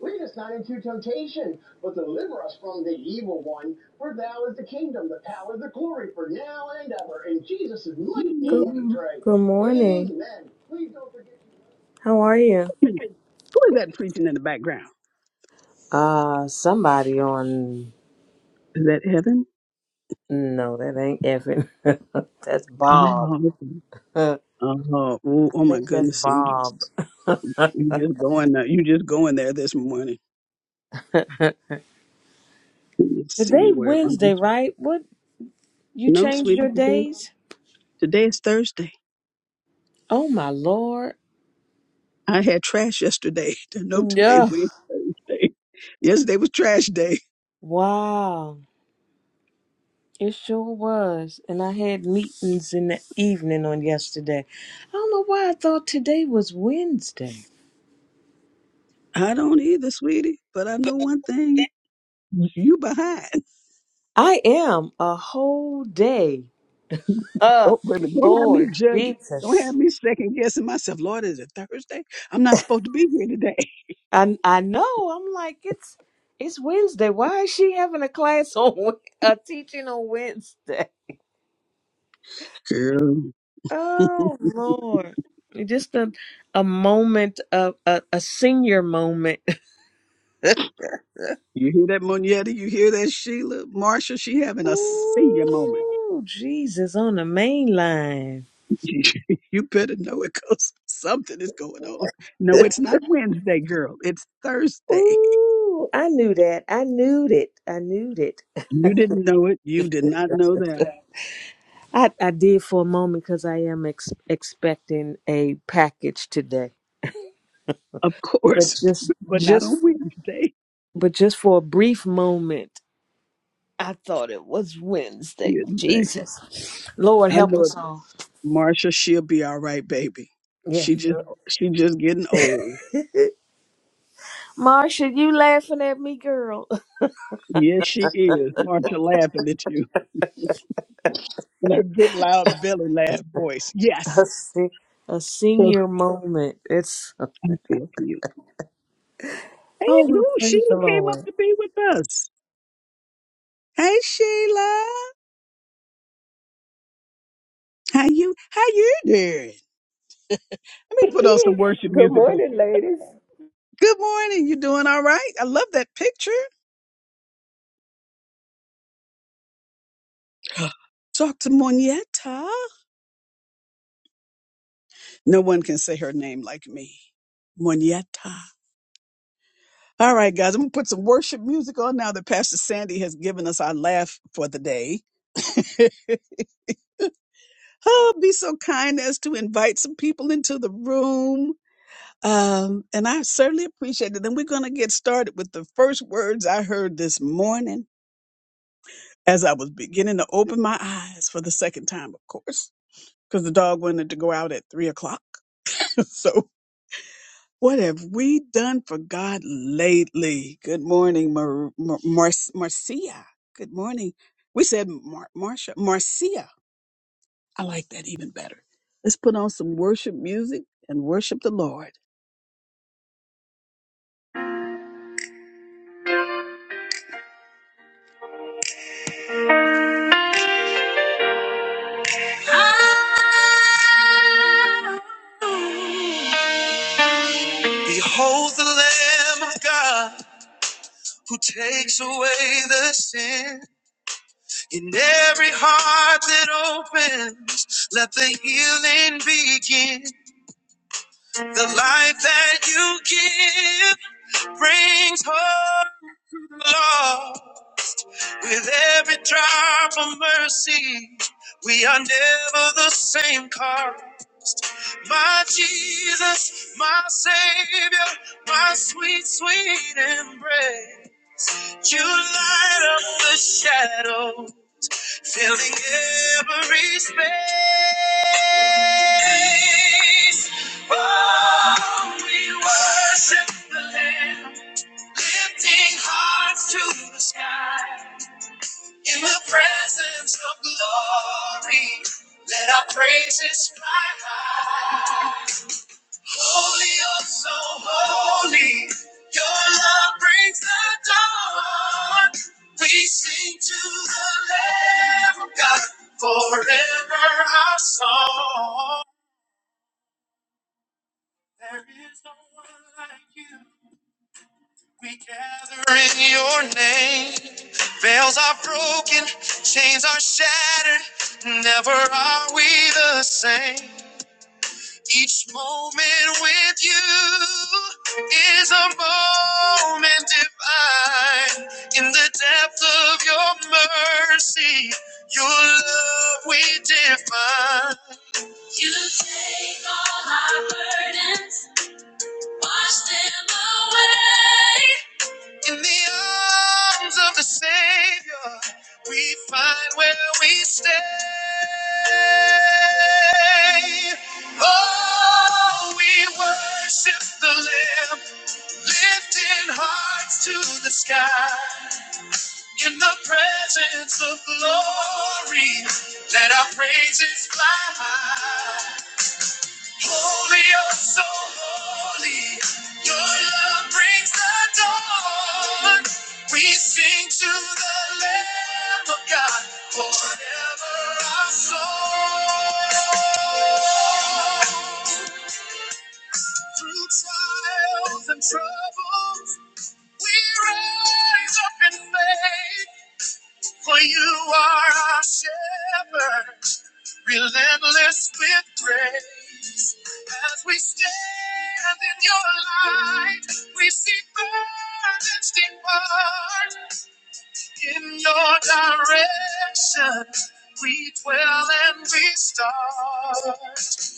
Lead us not into temptation, but deliver us from the evil one. For thou is the kingdom, the power, the glory, for now and ever. In Jesus' mighty Who name we pray. good morning. Amen. Please don't forget. How are you? is that preaching in the background? Uh, somebody on. Is that heaven? No, that ain't Evan. that's Bob. Oh, okay. I oh, oh, oh my think that's goodness! so You just Bob. you just going there. You just going there this morning. Let me see Today where am I? Wednesday, right? What you No, changed sweetie, your today days? today is Thursday. Oh my lord. I had trash yesterday. No, today Yeah. Wednesday. Yesterday was trash day. Wow. It sure was. And I had meetings in the evening on yesterday. I don't know why I thought today was Wednesday. I don't either, sweetie. But I know one thing: you behind. I am a whole day. Uh Oh, baby, don't have me Lord judging. Don't have Jesus. me second guessing myself. Lord, is it Thursday? I'm not supposed to be here today. I I know. I'm like it's it's Wednesday. Why is she having a class on Wed- a teaching on Wednesday? Girl, Oh Lord. Just a a moment of a, a senior moment. you hear that, Monietta? You hear that, Sheila? Marsha, she having a senior moment. Ooh, Jesus on the main line. you better know it because something is going on. No, it's not Wednesday, girl. It's Thursday. Ooh, I knew that. I knew it. I knew it. You didn't know it. You did not know that, I, I did for a moment because I am ex- expecting a package today. of But course, just but not on just Wednesday. but just for a brief moment, I thought it was Wednesday. Wednesday. Jesus, Lord I help know it. us all. Marsha, she'll be all right, baby. She Yes, just, sir. she just getting old. Marsha, you laughing at me, girl? Yes, she is. Marcia laughing at you in her good loud belly laugh voice. Yes. A, se- a So senior moment. It's I feel for you. oh, Hey, well, ooh, praise Sheila the came Lord. up to be with us. Hey, Sheila. How you how you doing? Let me put on some worship Good music. Go, morning, ladies. Good morning. You doing all right? I love that picture. Dr. Monietta. No one can say her name like me. Monietta. All right, guys, I'm gonna put some worship music on now that Pastor Sandy has given us our laugh for the day. oh, be so kind as to invite some people into the room. Um, and I certainly appreciate it. And we're gonna get started with the first words I heard this morning as I was beginning to open my eyes for the second time, of course, because the dog wanted to go out at three o'clock. So. What have we done for God lately? Good morning, Mar- Mar- Mar- Marcia. Good morning. We said Mar- Marcia. Marcia. I like that even better. Let's put on some worship music and worship the Lord. Behold the Lamb of God who takes away the sin in every heart that opens. Let the healing begin. The life that you give brings hope. Lord, with every drop of mercy, we are never the same car. My Jesus, my Savior, my sweet, sweet embrace. You light up the shadow, filling every space. Oh, we worship the Lamb, lifting hearts to the sky. In the presence of glory, let our praises fly high. Holy, oh so holy, your love brings the dawn. We sing to the Lamb of God, forever our song. There is no one like you. We gather in your name. Veils are broken, chains are shattered. Never are we the same. Each moment with you is a moment divine. In the depth of your mercy, your love we define. You take all our burdens, wash them away. In the arms of the Savior, we find where we stay. Oh, we worship the Lamb, lifting hearts to the sky. In the presence of glory, let our praises fly high. Holy, oh so holy, your love brings the dawn. We sing to the Lamb of God forever our song. Through trials and troubles, we rise up in faith. For you are our shepherd, relentless with grace. As we stand in your light, we see burdens depart. In your direction, we dwell and we start.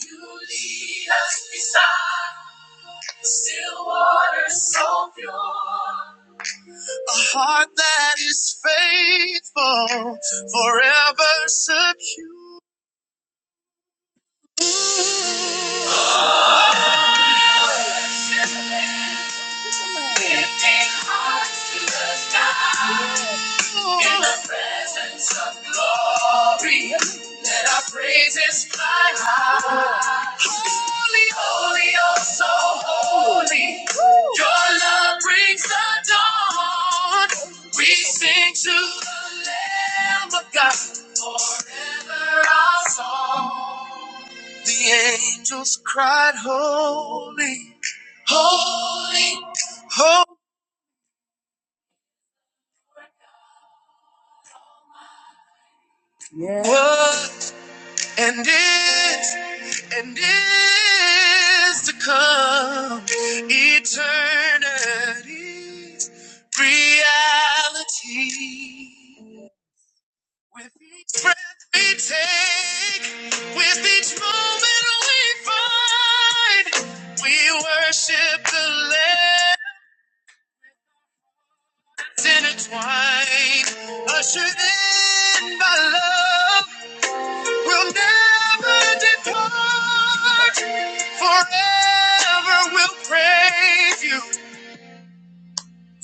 You lead us in still waters so pure. A heart that is faithful, forever secure. In the presence of glory, let our praises fly high. Holy, holy, oh so holy. Your love brings the dawn. We sing to the Lamb of God forever our song. The angels cried, Holy, holy, holy. and is and is to come eternity's reality. With each breath we take, with each moment we find, we worship the Lamb intertwined, ushered in by love. will never depart. Forever will praise you,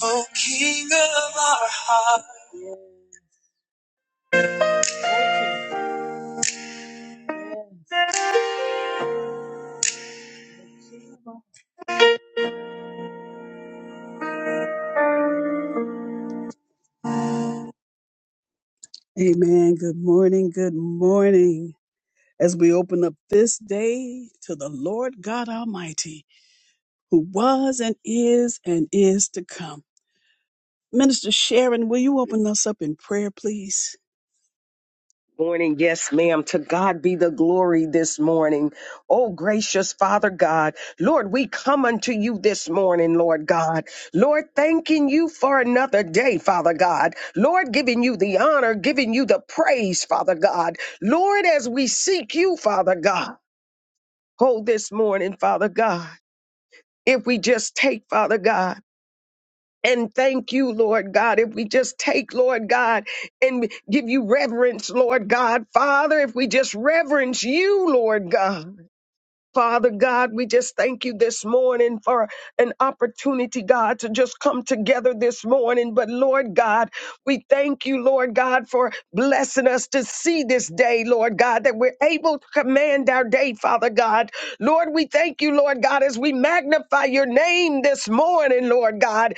O King of our heart. Amen. Good morning. Good morning. As we open up this day to the Lord God Almighty, who was and is and is to come. Minister Sharon, will you open us up in prayer, please? Morning, yes, ma'am. To God be the glory this morning. Oh, gracious Father God, Lord, we come unto you this morning, Lord God. Lord, thanking you for another day, Father God. Lord, giving you the honor, giving you the praise, Father God. Lord, as we seek you, Father God, hold this morning, Father God. If we just take, Father God, and thank you, Lord God. If we just take, Lord God, and give you reverence, Lord God. Father, if we just reverence you, Lord God. Father God, we just thank you this morning for an opportunity, God, to just come together this morning. But Lord God, we thank you, Lord God, for blessing us to see this day, Lord God, that we're able to command our day, Father God. Lord, we thank you, Lord God, as we magnify your name this morning, Lord God.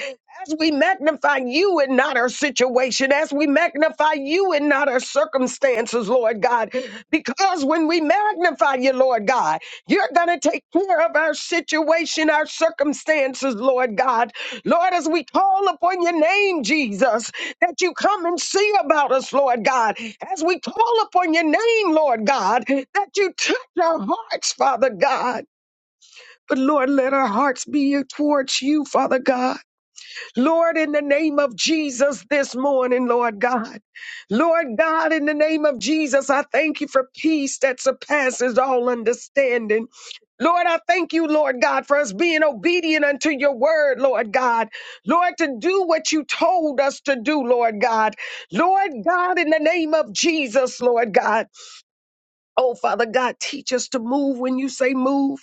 As we magnify you and not our situation, as we magnify you and not our circumstances, Lord God, because when we magnify you, Lord God. You're going to take care of our situation, our circumstances, Lord God. Lord, as we call upon your name, Jesus, that you come and see about us, Lord God. As we call upon your name, Lord God, that you touch our hearts, Father God. But Lord, let our hearts be towards you, Father God. Lord, in the name of Jesus this morning, Lord God. Lord God, in the name of Jesus, I thank you for peace that surpasses all understanding. Lord, I thank you, Lord God, for us being obedient unto your word, Lord God. Lord, to do what you told us to do, Lord God. Lord God, in the name of Jesus, Lord God. Oh, Father God, teach us to move when you say move,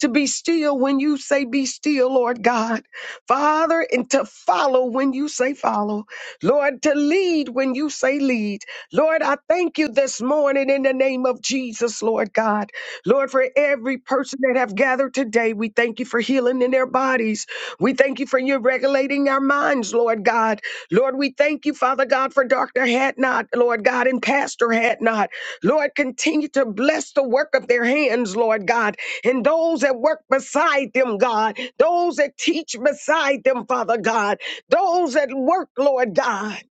to be still when you say be still, Lord God. Father, and to follow when you say follow. Lord, to lead when you say lead. Lord, I thank you this morning in the name of Jesus, Lord God. Lord, for every person that have gathered today, we thank you for healing in their bodies. We thank you for you regulating our minds, Lord God. Lord, we thank you, Father God, for Dr. Hatnot, Lord God, and Pastor Hatnot. Lord, continue to bless the work of their hands, Lord God, and those that work beside them, God, those that teach beside them, Father God, those that work, Lord God.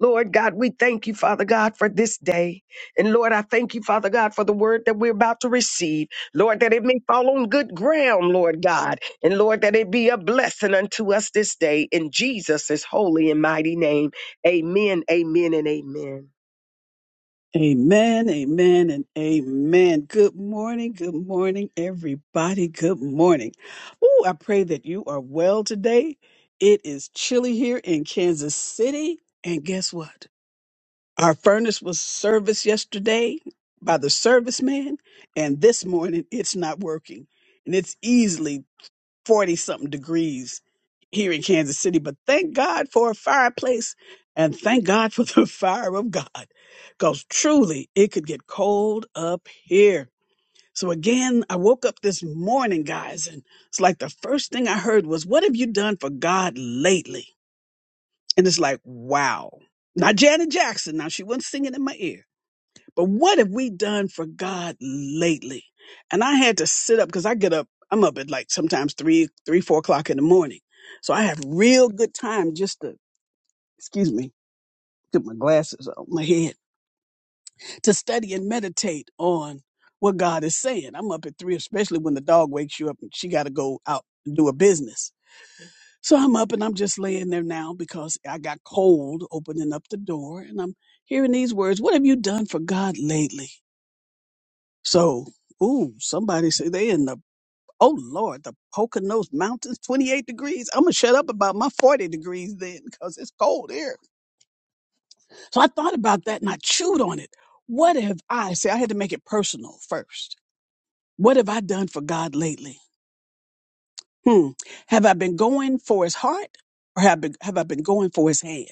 Lord God, we thank you, Father God, for this day. And Lord, I thank you, Father God, for the word that we're about to receive. Lord, that it may fall on good ground, Lord God. And Lord, that it be a blessing unto us this day. In Jesus' holy and mighty name. Amen, amen, and amen. Amen, amen, and amen. Good morning, good morning, everybody. Good morning. Oh, I pray that you are well today. It is chilly here in Kansas City. And guess what? Our furnace was serviced yesterday by the serviceman, and this morning it's not working. And it's easily 40 something degrees here in Kansas City, but thank God for a fireplace and thank God for the fire of God because truly it could get cold up here. So again, I woke up this morning, guys, and it's like the first thing I heard was, What have you done for God lately? And it's like, wow. Not Janet Jackson. Now she wasn't singing in my ear but what have we done for God lately? And I had to sit up because I get up, I'm up at like sometimes three, three, four o'clock in the morning. So I have real good time just to, excuse me, put my glasses on my head to study and meditate on what God is saying. I'm up at three, especially when the dog wakes you up and she got to go out and do a business. So I'm up and I'm just laying there now because I got cold opening up the door and I'm hearing these words. What have you done for God lately? So, ooh, somebody said they in the oh Lord, the Poconos Mountains, 28 degrees. I'm gonna shut up about my 40 degrees then because it's cold here. So I thought about that and I chewed on it. What have I say I had to make it personal first? What have I done for God lately? Hmm. Have I been going for his heart or have, been, have I been going for his hand?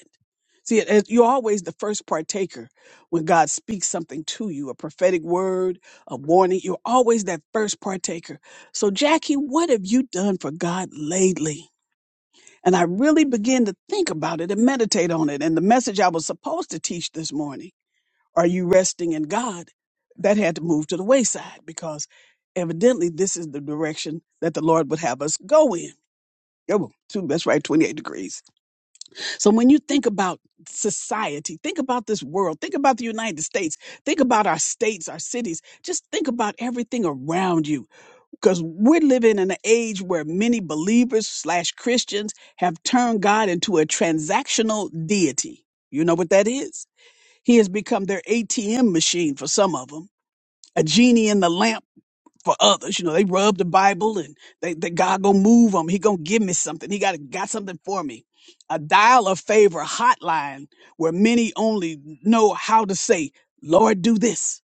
See, it- it- you're always the first partaker when God speaks something to you, a prophetic word, a warning. You're always that first partaker. So, Jackie, what have you done for God lately? And I really began to think about it and meditate on it. And the message I was supposed to teach this morning, Are You Resting in God? That had to move to the wayside because evidently this is the direction that the Lord would have us go in. Yeah, well, two, that's right, 28 degrees. So when you think about society, think about this world, think about the United States, think about our states, our cities, just think about everything around you. Because we're living in an age where many believers slash Christians have turned God into a transactional deity. You know what that is? He has become their ATM machine for some of them, a genie in the lamp for others. You know, they rub the Bible and they, they God gonna move them. He gonna give me something. He got got something for me. A dial a favor hotline where many only know how to say, Lord, do this.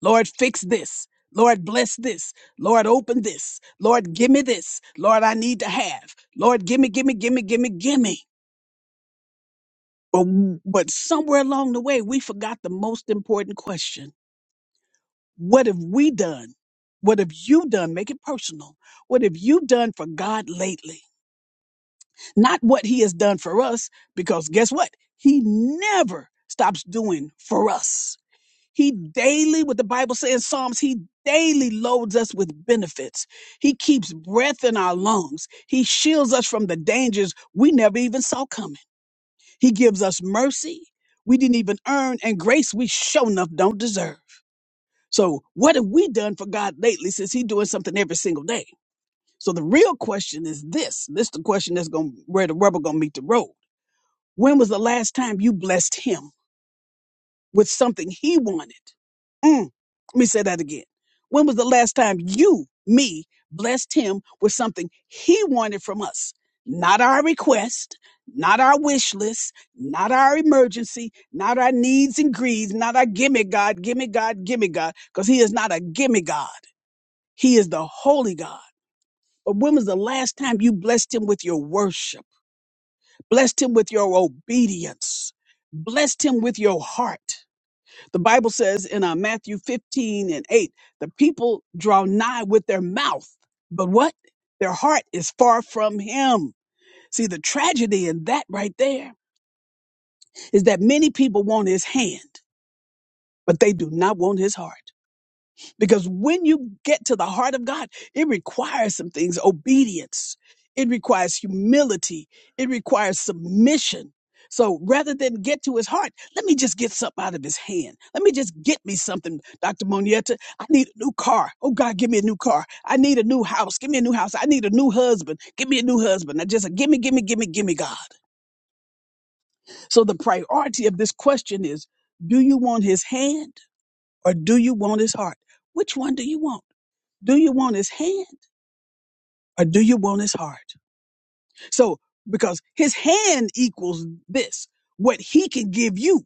Lord, fix this. Lord, bless this. Lord, open this. Lord, give me this. Lord, I need to have. Lord, give me, give me, give me, give me, give me. But, but somewhere along the way, we forgot the most important question What have we done? What have you done? Make it personal. What have you done for God lately? Not what He has done for us, because guess what? He never stops doing for us. He daily, what the Bible says in Psalms, He daily loads us with benefits. He keeps breath in our lungs. He shields us from the dangers we never even saw coming. He gives us mercy we didn't even earn and grace we sure enough don't deserve. So what have we done for God lately since He doing something every single day? So the real question is this. This is the question that's going to where the rubber gonna meet the road. When was the last time you blessed him with something he wanted? Mm, let me say that again. When was the last time you, me, blessed him with something he wanted from us? Not our request, not our wish list, not our emergency, not our needs and greeds, not our gimme God, gimme God, gimme God, because he is not a gimme God. He is the holy God. But when was the last time you blessed him with your worship, blessed him with your obedience, blessed him with your heart? The Bible says in uh, Matthew 15 and 8, the people draw nigh with their mouth, but what? Their heart is far from him. See, the tragedy in that right there is that many people want his hand, but they do not want his heart. Because when you get to the heart of God, it requires some things obedience, it requires humility, it requires submission. So rather than get to his heart, let me just get something out of his hand. Let me just get me something, Dr. Monietta. I need a new car. Oh God, give me a new car. I need a new house. Give me a new house. I need a new husband. Give me a new husband. I just give me, give me, give me, give me God. So the priority of this question is, do you want his hand or do you want his heart? Which one do you want? Do you want his hand or do you want his heart? So, because his hand equals this, what he can give you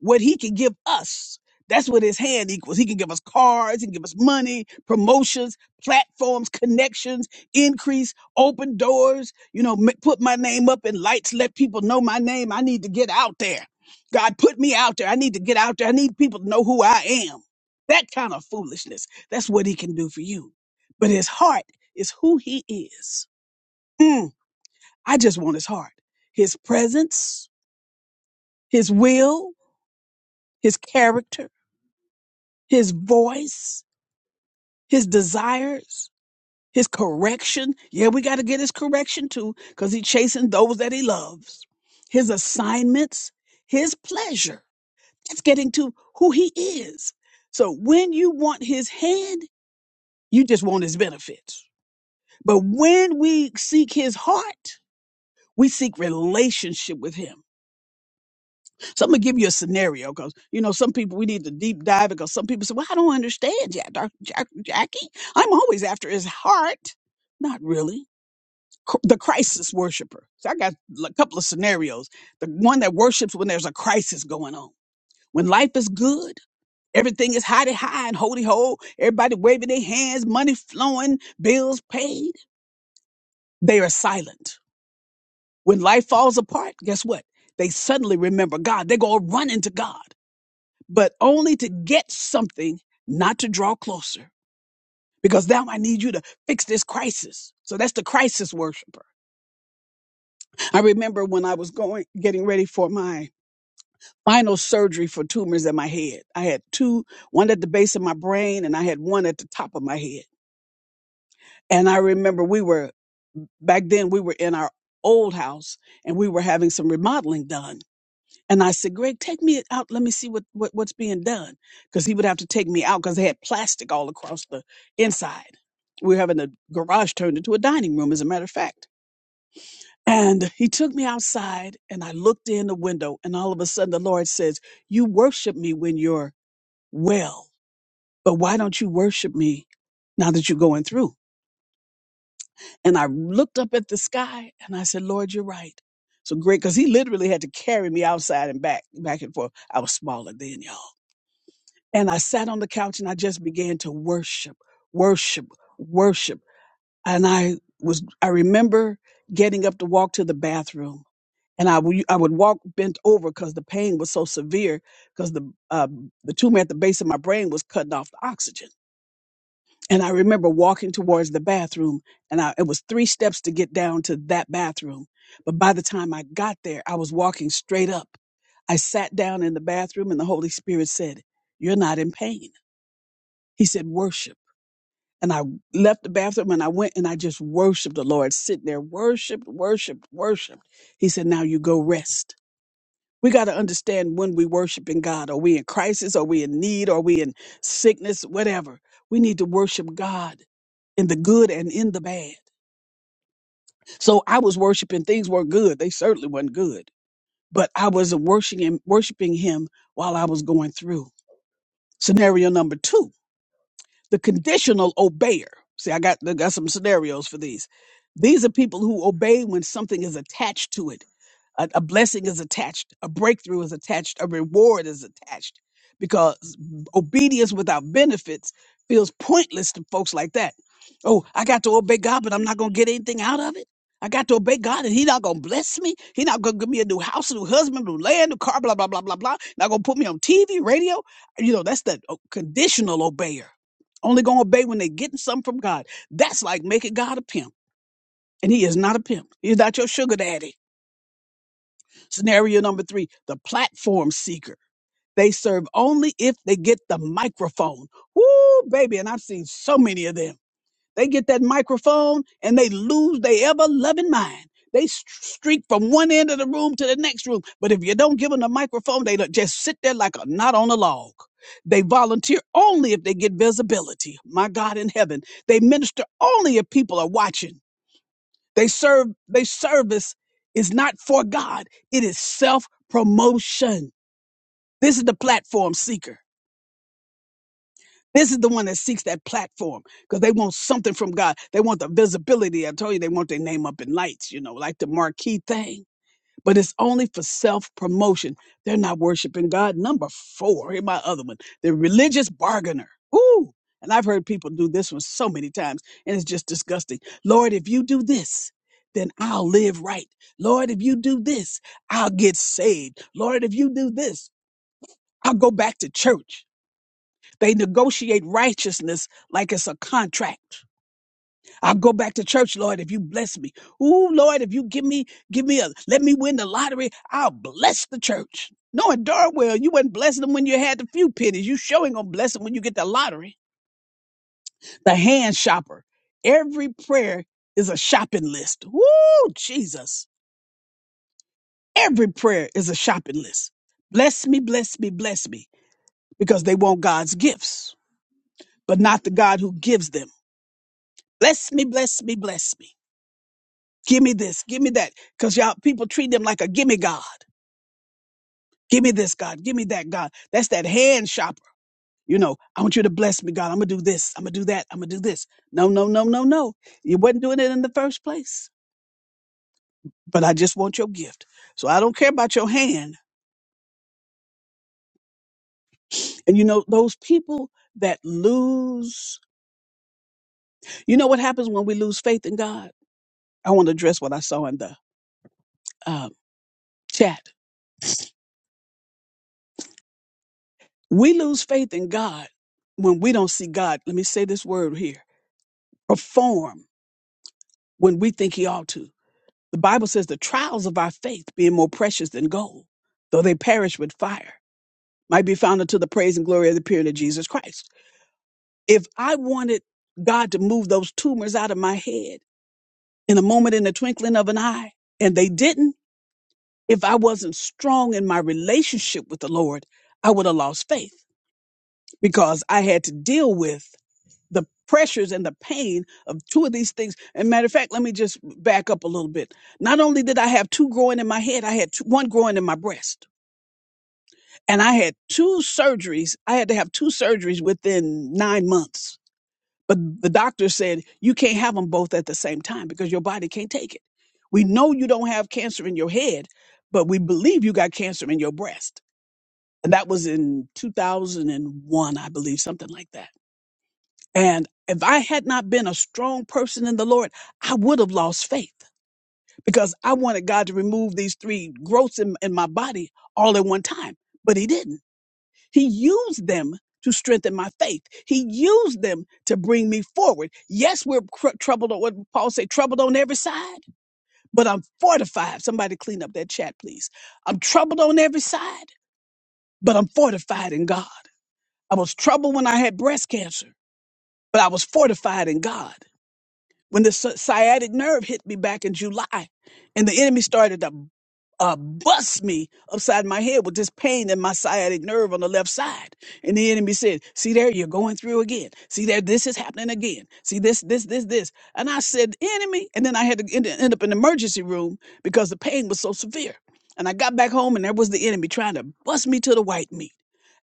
what he can give us. That's what his hand equals. He can give us cards, he can give us money, promotions, platforms, connections, increase, open doors, you know, m- put my name up in lights, let people know my name. I need to get out there. God, put me out there. I need to get out there. I need people to know who I am. That kind of foolishness. That's what he can do for you. But his heart is who he is. Mm, I just want his heart, his presence, his will, his character his voice, his desires, his correction. Yeah, we got to get his correction too, because he's chasing those that he loves, his assignments, his pleasure. That's getting to who he is. So when you want his hand, you just want his benefits. But when we seek his heart, we seek relationship with him. So I'm gonna give you a scenario because you know some people we need to deep dive because some people say, "Well, I don't understand, Jack, Doc- Jack, Jackie. I'm always after his heart." Not really. Cr- The crisis worshiper. So I got a couple of scenarios. The one that worships when there's a crisis going on, when life is good. Everything is high high and holy ho. Everybody waving their hands, money flowing, bills paid. They are silent. When life falls apart, guess what? They suddenly remember God. They go running to God. but only to get something, not to draw closer. Because now I need you to fix this crisis. So that's the crisis worshiper. I remember when I was going, getting ready for my final surgery for tumors in my head. I had two, one at the base of my brain and I had one at the top of my head. And I remember we were, back then we were in our old house and we were having some remodeling done. And I said, Greg, take me out. Let me see what, what what's being done. Because he would have to take me out because they had plastic all across the inside. We were having the garage turned into a dining room, as a matter of fact. And he took me outside and I looked in the window and all of a sudden the Lord says, you worship me when you're well, but why don't you worship me now that you're going through? And I looked up at the sky and I said, Lord, you're right. So Greg, because he literally had to carry me outside and back, back and forth. I was smaller then, y'all And I sat on the couch and I just began to worship, worship, worship. And I was, I remember getting up to walk to the bathroom and I wou- I would walk bent over because the pain was so severe because the, uh, the tumor at the base of my brain was cutting off the oxygen. And I remember walking towards the bathroom and I, it was three steps to get down to that bathroom. But by the time I got there, I was walking straight up. I sat down in the bathroom and the Holy Spirit said, you're not in pain. He said, worship. And I left the bathroom and I went and I just worshiped the Lord, sitting there, worshiped, worshiped, worshiped. He said, now you go rest. We got to understand when we worshiping God. Are we in crisis? Are we in need? Are we in sickness? Whatever. We need to worship God in the good and in the bad. So I was worshiping. Things were not good. They certainly weren't good, but I was worshiping, worshiping Him while I was going through. Scenario number two the conditional obeyer. See, I got I got some scenarios for these. These are people who obey when something is attached to it a, a blessing is attached, a breakthrough is attached, a reward is attached, because obedience without benefits feels pointless to folks like that. Oh, I got to obey God, but I'm not gonna get anything out of it. I got to obey God, and He not gonna bless me. He not gonna give me a new house, a new husband, a new land, a new car, blah blah blah blah blah. Not gonna put me on TV, radio. You know, that's the uh, conditional obeyer. Only gonna obey when they getting something from God. That's like making God a pimp, and He is not a pimp. He's not your sugar daddy. Scenario number three, the platform seeker. They serve only if they get the microphone. Woo, baby. And I've seen so many of them. They get that microphone and they lose their ever loving mind. They s- streak from one end of the room to the next room. But if you don't give them the microphone, they don't- just sit there like a knot on a log. They volunteer only if they get visibility. My God in heaven. They minister only if people are watching. They serve they service is not for God. It is self-promotion. This is the platform seeker. This is the one that seeks that platform because they want something from God. They want the visibility. I told you they want their name up in lights, you know, like the marquee thing but it's only for self promotion. They're not worshiping God. Number four, here's my other one, the religious bargainer. Ooh, and I've heard people do this one so many times, and it's just disgusting. Lord, if you do this, then I'll live right. Lord, if you do this, I'll get saved. Lord, if you do this, I'll go back to church. They negotiate righteousness like it's a contract. I'll go back to church, Lord, if you bless me. Ooh, Lord, if you give me, give me a, let me win the lottery, I'll bless the church. Knowing darn well you wasn't blessing them when you had the few pennies. You sure ain't gonna bless them when you get the lottery. The hand shopper. Every prayer is a shopping list. Woo, Jesus. Every prayer is a shopping list. Bless me, bless me, bless me, because they want God's gifts, but not the God who gives them. Bless me, bless me, bless me. Give me this, give me that. Because y'all people treat them like a gimme God. Give me this, God. Give me that, God. That's that hand shopper. You know, I want you to bless me, God. I'm gonna do this. I'm gonna do that. I'm gonna do this. No, no, no, no, no. You wasn't doing it in the first place. But I just want your gift. So I don't care about your hand. And you know, those people that lose, you know what happens when we lose faith in God? I want to address what I saw in the um, chat. We lose faith in God when we don't see God. Let me say this word here perform when we think he ought to. The Bible says the trials of our faith, being more precious than gold, though they perish with fire, might be found unto the praise and glory of the appearing of Jesus Christ. If I wanted God to move those tumors out of my head in a moment, in the twinkling of an eye, and they didn't, if I wasn't strong in my relationship with the Lord, I would have lost faith because I had to deal with the pressures and the pain of two of these things. And matter of fact, let me just back up a little bit. Not only did I have two growing in my head, I had two, one growing in my breast, and I had two surgeries. I had to have two surgeries within nine months. But the doctor said you can't have them both at the same time because your body can't take it. We know you don't have cancer in your head, but we believe you got cancer in your breast. And that was in 2001, I believe, something like that. And if I had not been a strong person in the Lord, I would have lost faith because I wanted God to remove these three growths in, in my body all at one time. But He didn't. He used them to strengthen my faith. He used them to bring me forward. Yes, we're cr- troubled on what Paul said, troubled on every side, but I'm fortified. Somebody clean up that chat, please. I'm troubled on every side, but I'm fortified in God. I was troubled when I had breast cancer, but I was fortified in God. when the sci- sciatic nerve hit me back in July, and the enemy started to uh, bust me upside my head with this pain in my sciatic nerve on the left side. And the enemy said, "See there, you're going through again. See there, this is happening again. See this, this, this, this." And I said, "Enemy," and then I had to end, end up in the emergency room because the pain was so severe. And I got back home, and there was the enemy trying to bust me to the white meat.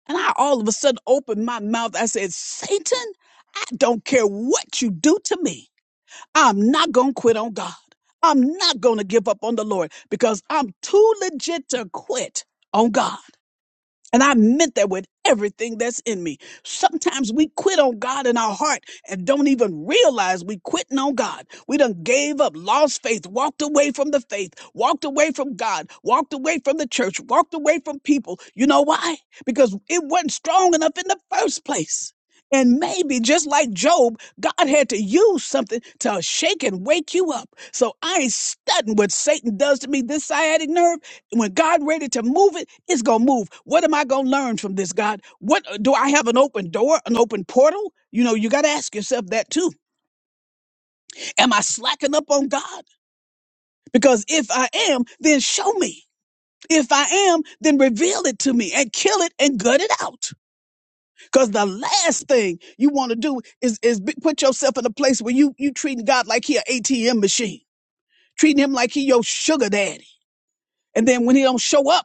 And I all of a sudden opened my mouth. I said, "Satan, I don't care what you do to me." I'm not going to quit on God. I'm not going to give up on the Lord because I'm too legit to quit on God. And I meant that with everything that's in me. Sometimes we quit on God in our heart and don't even realize we quitting on God. We done gave up, lost faith, walked away from the faith, walked away from God, walked away from the church, walked away from people. You know why? Because it wasn't strong enough in the first place. And maybe just like Job, God had to use something to shake and wake you up. So I ain't studying what Satan does to me this sciatic nerve when God ready to move it, it's gonna move. What am I gonna learn from this, God? What uh, do I have an open door, an open portal? You know, you gotta ask yourself that too. Am I slacking up on God? Because if I am, then show me. If I am, then reveal it to me and kill it and gut it out. Because the last thing you want to do is is be- put yourself in a place where you you treating God like he an ATM machine, treating him like he your sugar daddy, and then when he don't show up.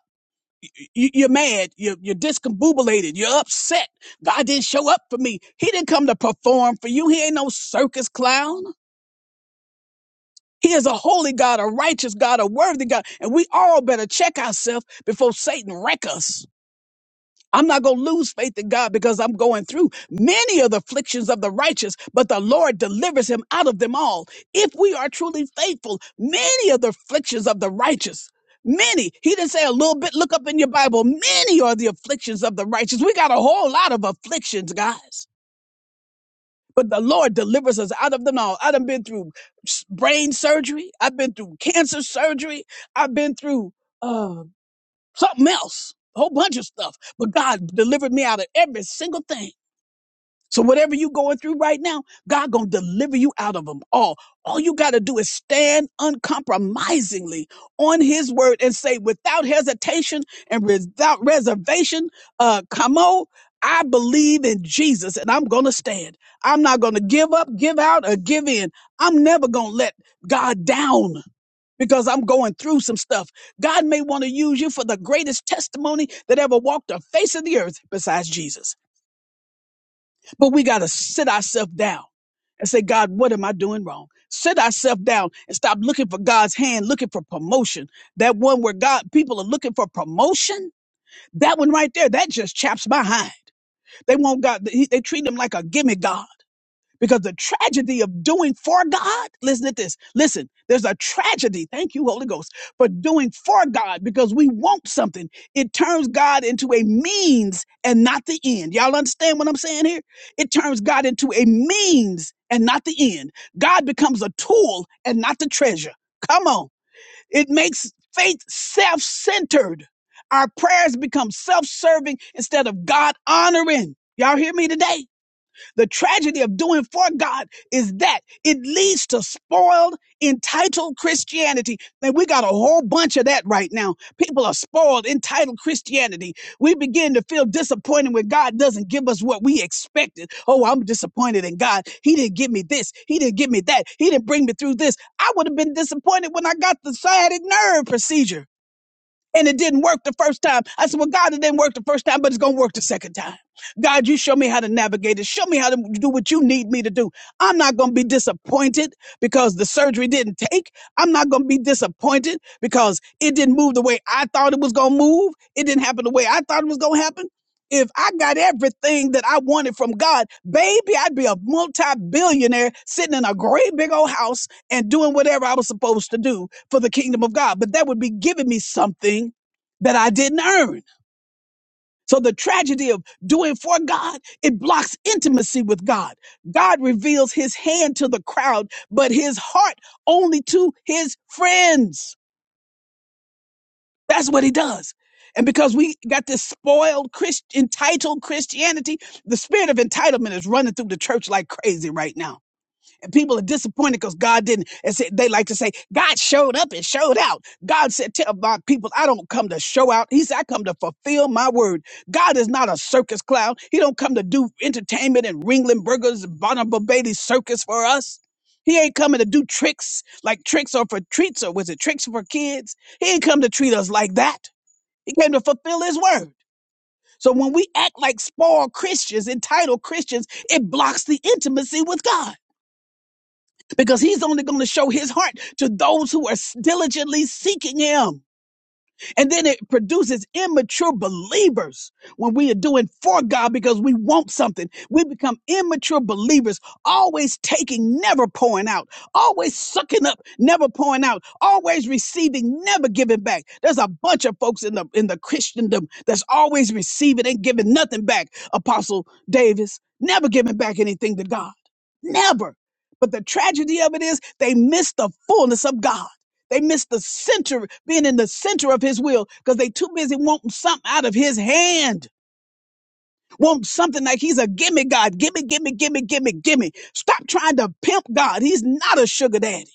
you, you're mad, you're, you're discombobulated, you're upset. God didn't show up for me. He didn't come to perform for you. He ain't no circus clown. He is a holy God, a righteous God, a worthy God, and we all better check ourselves before Satan wreck us. I'm not going to lose faith in God because I'm going through many of the afflictions of the righteous, but the Lord delivers him out of them all. If we are truly faithful, many of the afflictions of the righteous, many, he didn't say a little bit, look up in your Bible, many are the afflictions of the righteous. We got a whole lot of afflictions, guys. But the Lord delivers us out of them all. I've been through s- brain surgery. I've been through cancer surgery. I've been through uh, something else, a whole bunch of stuff. But God delivered me out of every single thing. So whatever you are going through right now, God gonna deliver you out of them all. All you gotta do is stand uncompromisingly on His word and say, without hesitation and without reservation, uh, come on. I believe in Jesus and I'm going to stand. I'm not going to give up, give out, or give in. I'm never going to let God down because I'm going through some stuff. God may want to use you for the greatest testimony that ever walked the face of the earth besides Jesus. But we got to sit ourselves down and say, God, what am I doing wrong? Sit ourselves down and stop looking for God's hand, looking for promotion. That one where God people are looking for promotion, that one right there, that just chaps my hind. They want God. They treat him like a gimme God. Because the tragedy of doing for God, listen to this. Listen, there's a tragedy. Thank you, Holy Ghost, for doing for God because we want something. It turns God into a means and not the end. Y'all understand what I'm saying here? It turns God into a means and not the end. God becomes a tool and not the treasure. Come on. It makes faith self centered. Our prayers become self serving instead of God honoring. Y'all hear me today? The tragedy of doing for God is that it leads to spoiled, entitled Christianity. And we got a whole bunch of that right now. People are spoiled, entitled Christianity. We begin to feel disappointed when God doesn't give us what we expected. Oh, I'm disappointed in God. He didn't give me this. He didn't give me that. He didn't bring me through this. I would have been disappointed when I got the sciatic nerve procedure and it didn't work the first time. I said, Well, God, it didn't work the first time, but it's going to work the second time. God, you show me how to navigate it. Show me how to do what you need me to do. I'm not going to be disappointed because the surgery didn't take. I'm not going to be disappointed because it didn't move the way I thought it was going to move. It didn't happen the way I thought it was going to happen. If I got everything that I wanted from God, baby, I'd be a multi billionaire sitting in a great big old house and doing whatever I was supposed to do for the kingdom of God, but that would be giving me something that I didn't earn. So the tragedy of doing for God, it blocks intimacy with God. God reveals his hand to the crowd, but his heart only to his friends. That's what he does. And because we got this spoiled Christ, entitled Christianity, the spirit of entitlement is running through the church like crazy right now And people are disappointed because God didn't. And say- they like to say, God showed up and showed out. God said, Tell my people, I don't come to show out. He said, I come to fulfill my word. God is not a circus clown. He don't come to do entertainment and Ringling Burgers and Barnum and Bailey circus for us. He ain't coming to do tricks like tricks or for treats or was it tricks for kids? He ain't come to treat us like that. He came to fulfill his word. So when we act like spoiled Christians, entitled Christians, it blocks the intimacy with God because he's only going to show his heart to those who are diligently seeking him. And then it produces immature believers when we are doing for God because we want something. We become immature believers, always taking, never pouring out, always sucking up, never pouring out, always receiving, never giving back. There's a bunch of folks in the in the Christendom that's always receiving and giving nothing back. Apostle Davis, never giving back anything to God. Never. But the tragedy of it is they miss the fullness of God. They miss the center, being in the center of his will because they too busy wanting something out of his hand. Want something like he's a gimme God. Gimme, gimme, gimme, gimme, gimme. Stop trying to pimp God. He's not a sugar daddy.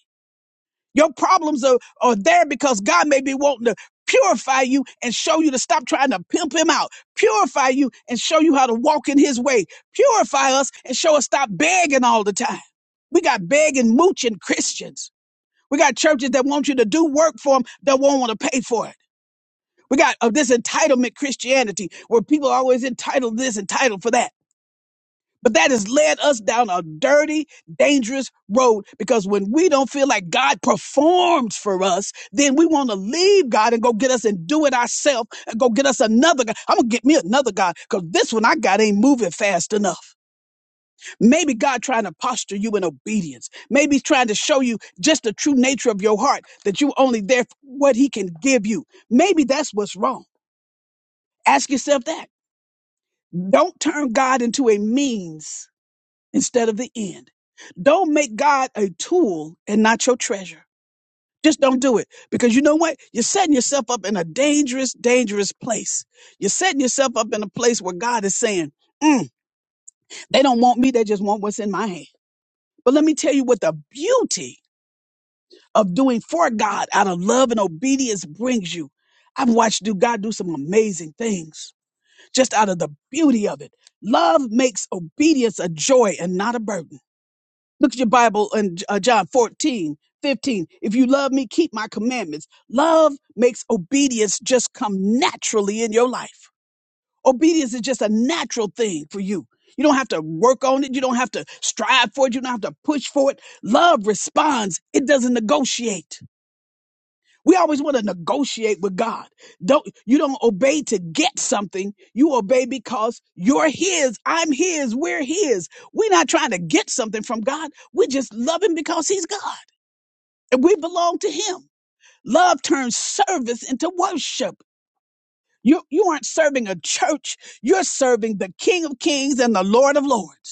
Your problems are, are there because God may be wanting to purify you and show you to stop trying to pimp him out. Purify you and show you how to walk in his way. Purify us and show us stop begging all the time. We got begging, mooching Christians. We got churches that want you to do work for them that won't want to pay for it. We got uh, this entitlement Christianity where people are always entitled this, entitled for that. But that has led us down a dirty, dangerous road because when we don't feel like God performs for us, then we want to leave God and go get us and do it ourselves and go get us another God. I'm going to get me another God because this one I got ain't moving fast enough. Maybe God trying to posture you in obedience. Maybe he's trying to show you just the true nature of your heart, that you only there for what he can give you. Maybe that's what's wrong. Ask yourself that. Don't turn God into a means instead of the end. Don't make God a tool and not your treasure. Just don't do it because you know what? You're setting yourself up in a dangerous, dangerous place. You're setting yourself up in a place where God is saying, "Mm, they don't want me. They just want what's in my hand. But let me tell you what the beauty of doing for God out of love and obedience brings you. I've watched do God do some amazing things just out of the beauty of it. Love makes obedience a joy and not a burden. Look at your Bible in uh, John 14 15. If you love me, keep my commandments. Love makes obedience just come naturally in your life. Obedience is just a natural thing for you. You don't have to work on it. You don't have to strive for it. You don't have to push for it. Love responds. It doesn't negotiate. We always want to negotiate with God. Don't you don't obey to get something. You obey because you're his, I'm his, we're his. We're not trying to get something from God. We just love him because he's God and we belong to him. Love turns service into worship. You you aren't serving a church. You're serving the King of Kings and the Lord of Lords.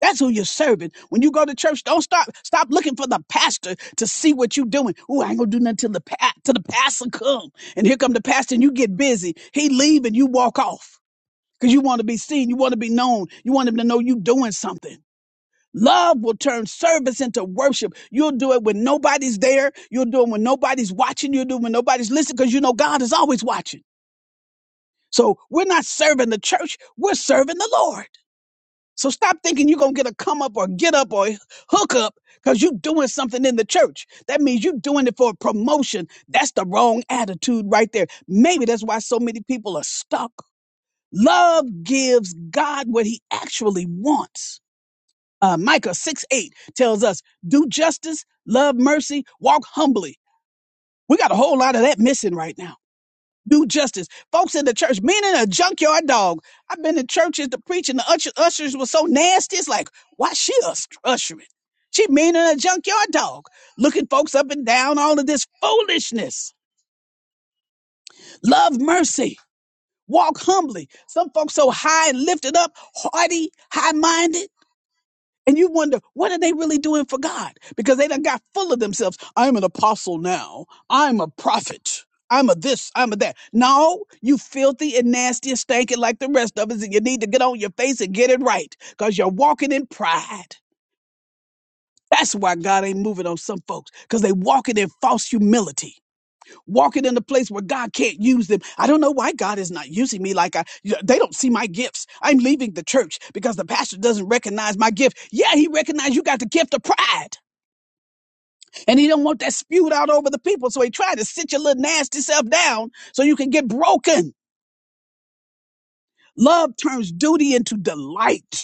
That's who you're serving. When you go to church, don't stop stop looking for the pastor to see what you're doing. Oh, I ain't gonna do nothing till the pa- till the pastor come. And here come the pastor, and you get busy. He leave and you walk off because you want to be seen. You want to be known. You want him to know you doing something. Love will turn service into worship. You'll do it when nobody's there. You'll do it when nobody's watching. You'll do it when nobody's listening because you know God is always watching. So we're not serving the church. We're serving the Lord. So stop thinking you're going to get a come up or get up or hook up because you're doing something in the church. That means you're doing it for a promotion. That's the wrong attitude right there. Maybe that's why so many people are stuck. Love gives God what he actually wants. Uh, Micah 6 8 tells us, do justice, love mercy, walk humbly. We got a whole lot of that missing right now do justice. Folks in the church, men in a junkyard dog. I've been in churches, to preach, and the usher, ushers were so nasty. It's like, why she us- ushering? She mean in a junkyard dog, looking folks up and down, all of this foolishness. Love mercy, walk humbly. Some folks so high and lifted up, haughty, high minded. And you wonder, what are they really doing for God? Because they done got full of themselves. I'm an apostle now. I'm a prophet. I'm a this, I'm a that. No, you filthy and nasty and stinking like the rest of us, and you need to get on your face and get it right because you're walking in pride. That's why God ain't moving on some folks because they walking in false humility walking in a place where God can't use them. I don't know why God is not using me like I you know, they don't see my gifts. I'm leaving the church because the pastor doesn't recognize my gift. Yeah, he recognized you got the gift of pride. And he don't want that spewed out over the people. So he tried to sit your little nasty self down so you can get broken. Love turns duty into delight.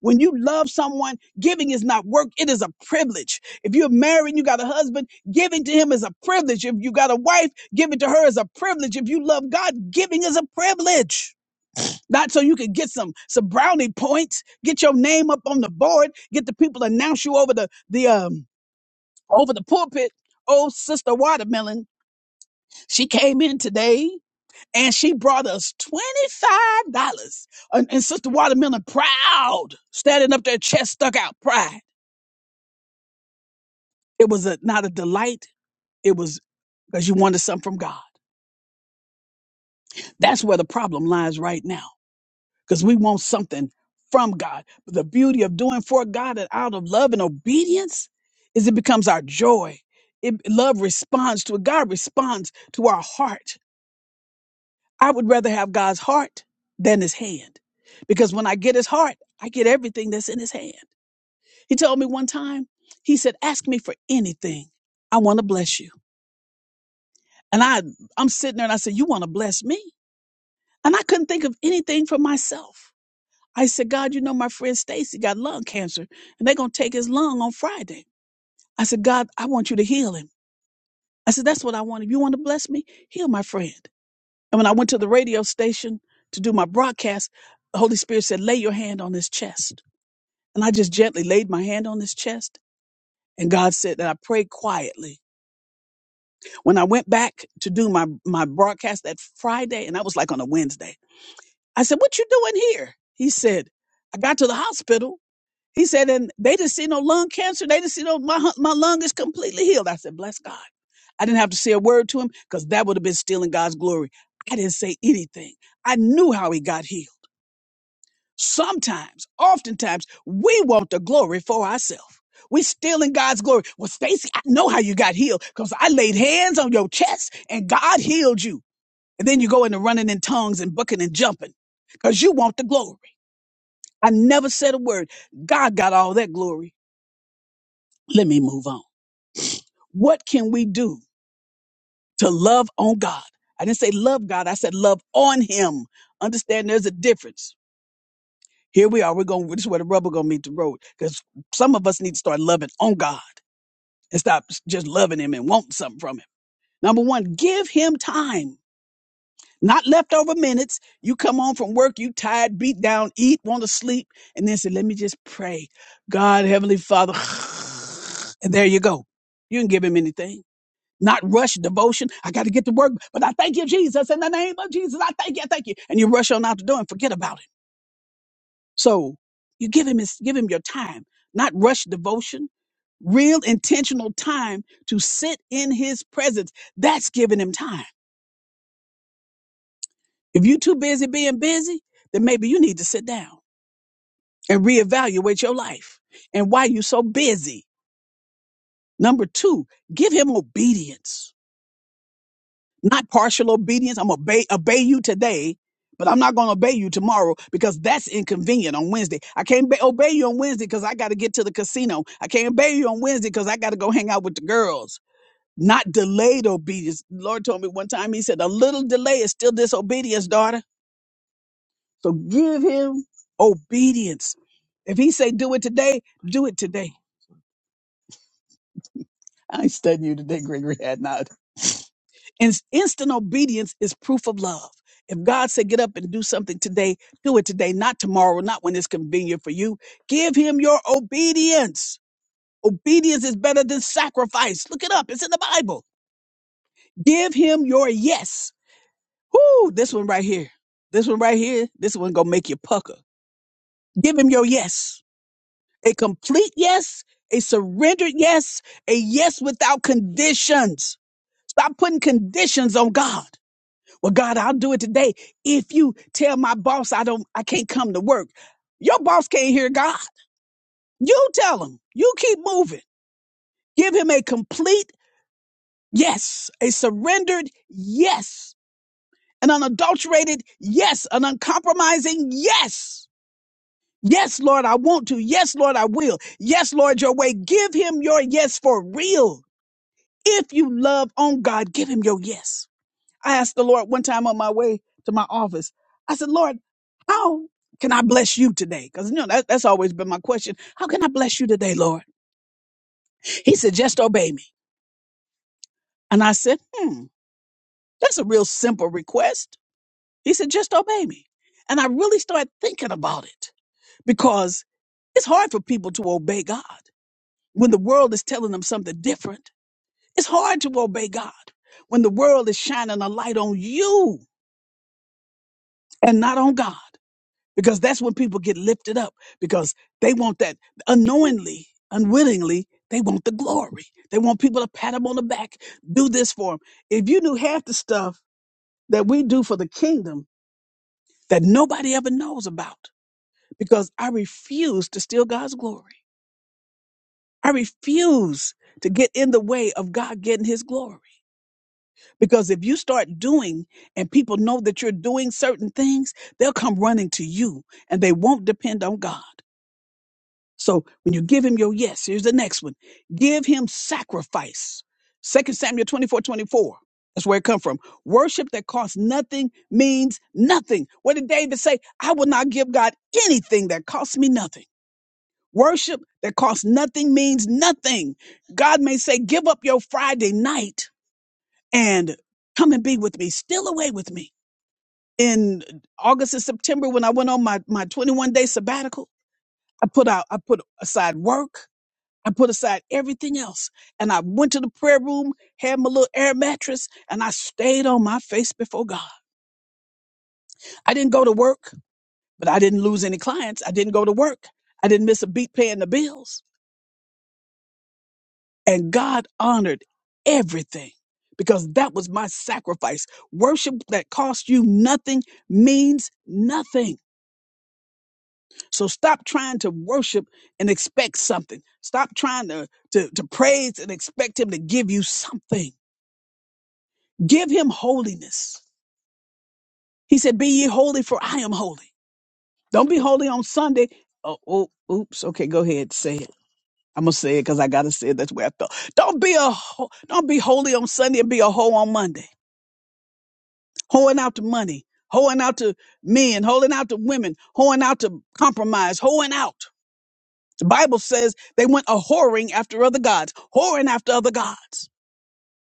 When you love someone, giving is not work, it is a privilege. If you're married and you got a husband, giving to him is a privilege. If you got a wife, giving to her is a privilege. If you love God, giving is a privilege. Not so you can get some some brownie points, get your name up on the board, get the people to announce you over the the um over the pulpit. Oh, Sister Watermelon, she came in today and she brought us twenty-five dollars. And, and Sister Watermelon, proud, standing up there, chest stuck out, pride. It was a, not a delight. It was because you wanted something from God. That's where the problem lies right now because we want something from God. But the beauty of doing for God and out of love and obedience is it becomes our joy. It, love responds to it. God responds to our heart. I would rather have God's heart than his hand because when I get his heart, I get everything that's in his hand. He told me one time, he said, ask me for anything. I want to bless you. And I, I'm sitting there and I said, you want to bless me? And I couldn't think of anything for myself. I said, God, you know, my friend Stacy got lung cancer and they're going to take his lung on Friday. I said, God, I want you to heal him. I said, that's what I want. If you want to bless me, heal my friend. And when I went to the radio station to do my broadcast, the Holy Spirit said, lay your hand on his chest. And I just gently laid my hand on his chest. And God said that I prayed quietly. When I went back to do my, my broadcast that Friday, and that was like on a Wednesday, I said, "What you doing here?" He said, "I got to the hospital." He said, "And they didn't see no lung cancer. They didn't see no my hu- my lung is completely healed." I said, "Bless God." I didn't have to say a word to him because that would have been stealing God's glory. I didn't say anything. I knew how he got healed. Sometimes, oftentimes, we want the glory for ourselves. We stealing God's glory. Well, Stacy, I know how you got healed because I laid hands on your chest and God healed you. And then you go into running in tongues and bucking and jumping because you want the glory. I never said a word. God got all that glory. Let me move on. What can we do to love on God? I didn't say love God. I said love on Him. Understand there's a difference. Here we are. We're going, this is where the rubber going to meet the road because some of us need to start loving on God and stop just loving Him and wanting something from Him. Number one, give Him time. not leftover minutes. You come home from work, you tired, beat down, eat, want to sleep, and then say, "Let me just pray, God, Heavenly Father," and there you go. You didn't give him anything. Not rush devotion. I got to get to work, but I thank you, Jesus, in the name of Jesus. I thank you, I thank you, and you rush on out the door and forget about him. So you give him his, give him your time, not rush devotion. Real intentional time to sit in his presence. That's giving him time. If you're too busy being busy, then maybe you need to sit down and reevaluate your life and why you're so busy. Number two, give him obedience, not partial obedience. I'm going obey obey you today, but I'm not going to obey you tomorrow because that's inconvenient on Wednesday. I can't be- obey you on Wednesday because I got to get to the casino. I can't obey you on Wednesday because I got to go hang out with the girls. Not delayed obedience. The Lord told me one time, He said, "A little delay is still disobedience, daughter." So give him obedience. If he say do it today, do it today. I ain't studying you today, Gregory had not. And instant obedience is proof of love. If God said get up and do something today, do it today, not tomorrow, not when it's convenient for you. Give him your obedience. Obedience is better than sacrifice. Look it up. It's in the Bible. Give him your yes. Whoo, this one right here. This one right here. This one gonna make you pucker. Give him your yes. a complete yes, a surrendered yes, a yes without conditions. Stop putting conditions on God. Well, God, I'll do it today. If you tell my boss I don't, I can't come to work, your boss can't hear God. You tell him. You keep moving. Give him a complete yes, a surrendered yes, an unadulterated yes, an uncompromising yes. Yes, Lord, I want to. Yes, Lord, I will. Yes, Lord, your way. Give him your yes for real If you love on God, give him your yes. I asked the Lord one time on my way to my office, I said, Lord, how can I bless you today? Because, you know, that, that's always been my question. How can I bless you today, Lord? He said, just obey me. And I said, hmm, that's a real simple request. He said, just obey me. And I really started thinking about it because it's hard for people to obey God when the world is telling them something different. It's hard to obey God when the world is shining a light on you and not on God. Because that's when people get lifted up because they want that unknowingly, unwittingly, they want the glory. They want people to pat them on the back, do this for them. If you knew half the stuff that we do for the kingdom that nobody ever knows about, because I refuse to steal God's glory. I refuse to get in the way of God getting his glory. Because if you start doing and people know that you're doing certain things, they'll come running to you and they won't depend on God. So when you give him your yes, here's the next one. Give him sacrifice. Second Samuel 24 24. That's where it come from. Worship that costs nothing means nothing. What did David say? I will not give God anything that costs me nothing. Worship that costs nothing means nothing. God may say, give up your Friday night and come and be with me, still away with me. In August and September, when I went on my, my 21 day sabbatical, I put out, I put aside work. I put aside everything else and I went to the prayer room, had my little air mattress, and I stayed on my face before God. I didn't go to work, but I didn't lose any clients. I didn't go to work. I didn't miss a beat paying the bills. And God honored everything because that was my sacrifice. Worship that costs you nothing means nothing. So stop trying to worship and expect something. Stop trying to, to, to praise and expect Him to give you something. Give Him holiness He said, Be ye holy, for I am holy. Don't be holy on Sunday. Oh, oh oops. Okay, go ahead. Say it. I'm gonna say it because I gotta say it. That's where I thought. Don't be a ho- don't be holy on Sunday and be a hoe on Monday. Hoeing out to money, hoeing out to men, hoeing out to women, hoeing out to compromise, hoeing out. The Bible says they went a whoring after other gods, whoring after other gods.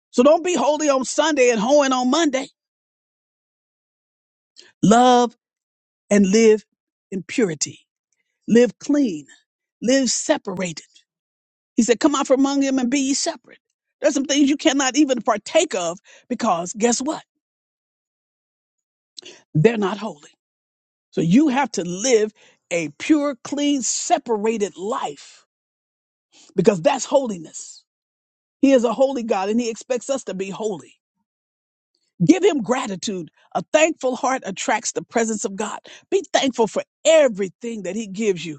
So don't be holy on Sunday and hoeing on Monday. Love and live in purity live clean, live separated. He said, Come out from among them and be ye separate. There's some things you cannot even partake of because guess what? They're not holy. So you have to live a pure, clean, separated life because that's holiness. He is a holy God and he expects us to be holy. Give him gratitude. A thankful heart attracts the presence of God. Be thankful for everything that he gives you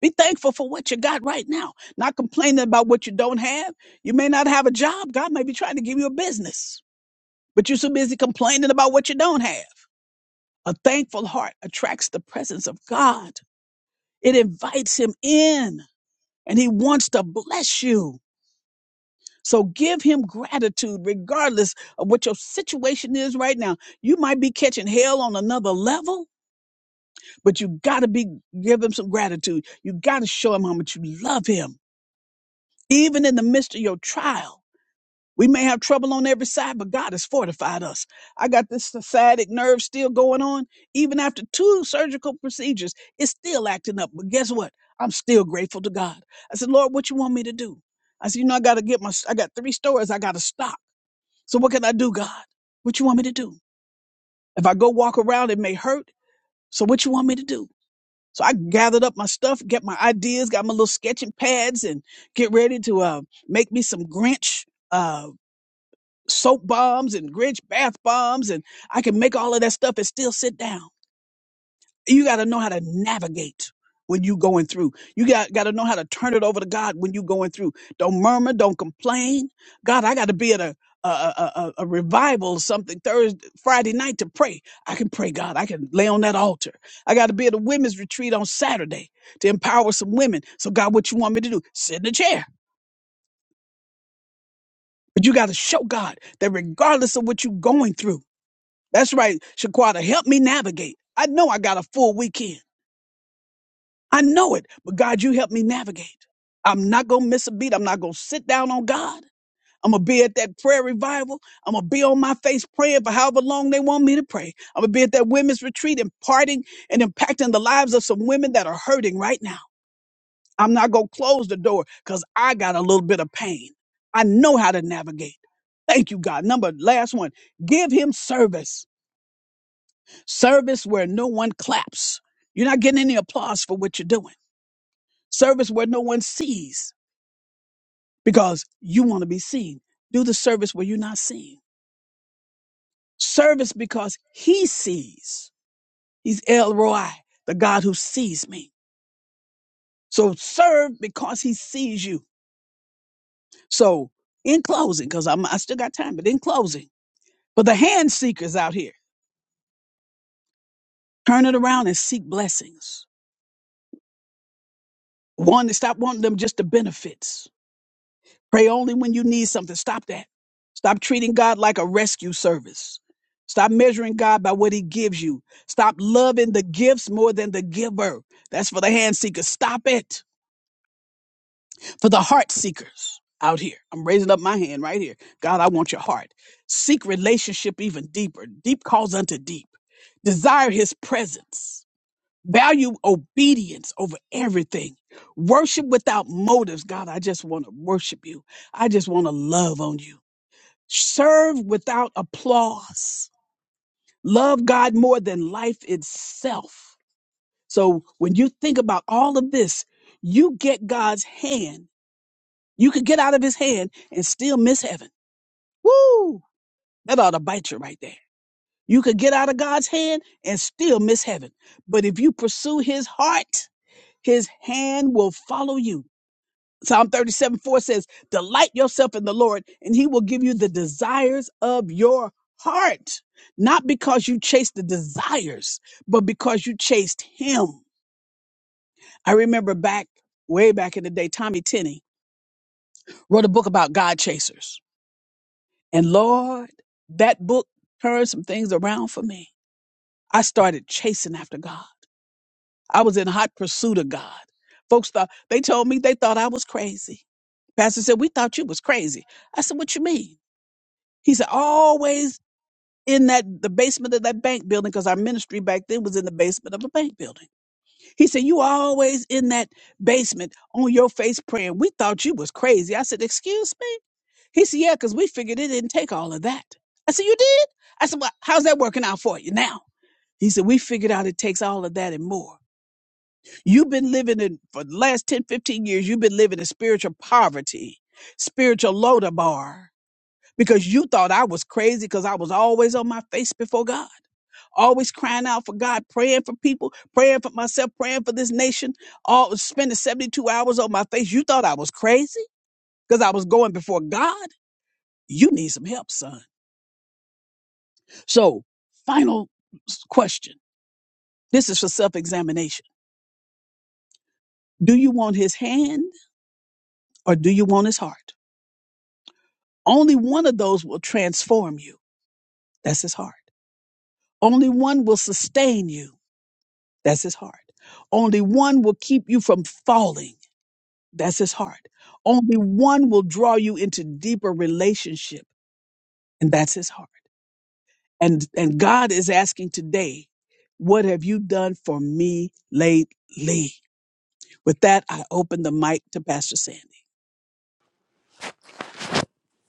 Be thankful for what you got right now. Not complaining about what you don't have. You may not have a job. God may be trying to give you a business, but you're so busy complaining about what you don't have. A thankful heart attracts the presence of God. It invites him in and he wants to bless you. So give him gratitude regardless of what your situation is right now. You might be catching hell on another level, but you gotta be, give him some gratitude. You gotta show him how much you love him, even in the midst of your trial We may have trouble on every side, but God has fortified us. I got this sciatic nerve still going on. Even after two surgical procedures, it's still acting up. But guess what? I'm still grateful to God. I said, Lord, what you want me to do? I said, you know, I got to get my, I got three stores I got to stock. So what can I do, God? What you want me to do? If I go walk around, it may hurt. So what you want me to do? So I gathered up my stuff, get my ideas, got my little sketching pads and get ready to uh, make me some Grinch uh, soap bombs and Grinch bath bombs, and I can make all of that stuff and still sit down. You got to know how to navigate when you going through. You got got to know how to turn it over to God when you going through. Don't murmur, don't complain. God, I got to be at a a, a, a a revival something Thursday, Friday night to pray. I can pray, God. I can lay on that altar. I got to be at a women's retreat on Saturday to empower some women. So, God, what you want me to do? Sit in the chair. But you got to show God that regardless of what you're going through, That's right, Shaquata. Help me navigate. I know I got a full weekend. I know it, but God, you help me navigate. I'm not going to miss a beat. I'm not going to sit down on God. I'm going to be at that prayer revival. I'm going to be on my face praying for however long they want me to pray. I'm going to be at that women's retreat imparting and impacting the lives of some women that are hurting right now. I'm not going to close the door because I got a little bit of pain. I know how to navigate. Thank you, God. Number last one, give him service Service where no one claps. You're not getting any applause for what you're doing. Service where no one sees because you want to be seen. Do the service where you're not seen. Service because he sees. He's El Roi, the God who sees me. So serve because he sees you. So in closing, because I'm I still got time, but in closing, for the hand seekers out here, turn it around and seek blessings. One, stop wanting them just the benefits Pray only when you need something. Stop that. Stop treating God like a rescue service. Stop measuring God by what he gives you. Stop loving the gifts more than the giver. That's for the hand seekers. Stop it. For the heart seekers out here. I'm raising up my hand right here. God, I want your heart. Seek relationship even deeper. Deep calls unto deep. Desire his presence. Value obedience over everything. Worship without motives. God, I just want to worship you. I just want to love on you. Serve without applause. Love God more than life itself. So when you think about all of this, you get God's hand. You could get out of his hand and still miss heaven. Woo! That ought to bite you right there. You could get out of God's hand and still miss heaven. But if you pursue his heart, his hand will follow you. Psalm 37 4 says, Delight yourself in the Lord, and he will give you the desires of your heart. Not because you chased the desires, but because you chased him. I remember back, way back in the day, Tommy Tenney wrote a book about God chasers. And Lord, that book turned some things around for me. I started chasing after God. I was in hot pursuit of God. Folks thought, they told me they thought I was crazy. Pastor said, We thought you was crazy. I said, What you mean? He said, always in that the basement of that bank building, because our ministry back then was in the basement of a bank building. He said, You always in that basement on your face praying. We thought you was crazy. I said, Excuse me? He said, Yeah, because we figured it didn't take all of that. I said, You did? I said, Well, how's that working out for you now? He said, We figured out it takes all of that and more. You've been living in, for the last 10, 15 years, you've been living in spiritual poverty, spiritual Lodabar because you thought I was crazy because I was always on my face before God, always crying out for God, praying for people, praying for myself, praying for this nation, all spending 72 hours on my face. You thought I was crazy because I was going before God. You need some help, son. So, final s- question. This is for self examination. Do you want his hand or do you want his heart? Only one of those will transform you. That's his heart. Only one will sustain you. That's his heart. Only one will keep you from falling. That's his heart. Only one will draw you into deeper relationship, and that's his heart. And and God is asking today, what have you done for me lately? With that, I open the mic to Pastor Sandy.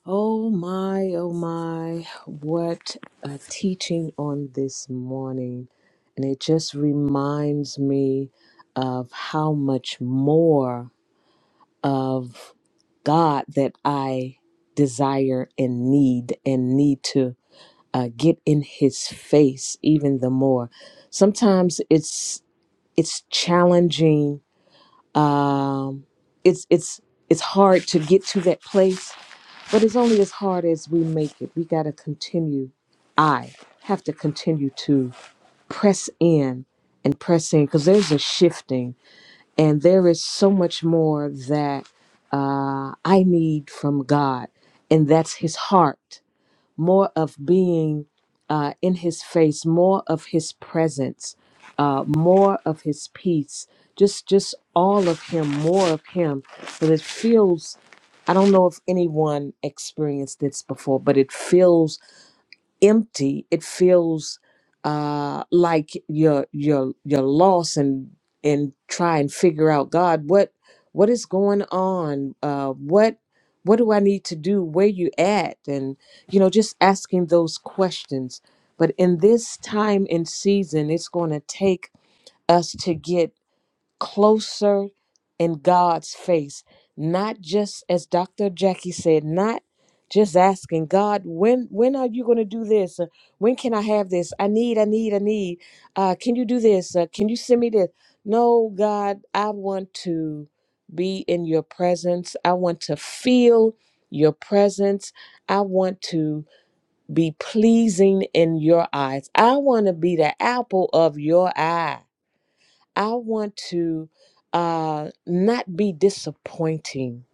Oh my, oh my, what a teaching on this morning. And it just reminds me of how much more of God that I desire and need and need to uh, get in his face even the more. Sometimes it's it's challenging. Um, it's it's it's hard to get to that place but it's only as hard as we make it. We got to continue. I have to continue to press in and press in because there's a shifting and there is so much more that uh, I need from God, and that's His heart more of being uh, in his face, more of his presence, uh, more of his peace, just just all of him, more of him. But it feels I don't know if anyone experienced this before, but it feels empty it feels uh like you're you're you're lost and and try and figure out god what what is going on uh what what do i need to do where you at and you know just asking those questions but in this time and season it's going to take us to get closer in God's face, not just as Dr. Jackie said, not just asking God, when when are you going to do this? Uh, When can I have this? I need, I need, I need. Uh, can you do this? Uh, can you send me this? No, God, I want to be in your presence. I want to feel your presence. I want to be pleasing in your eyes. I want to be the apple of your eye. I want to uh, not be disappointing,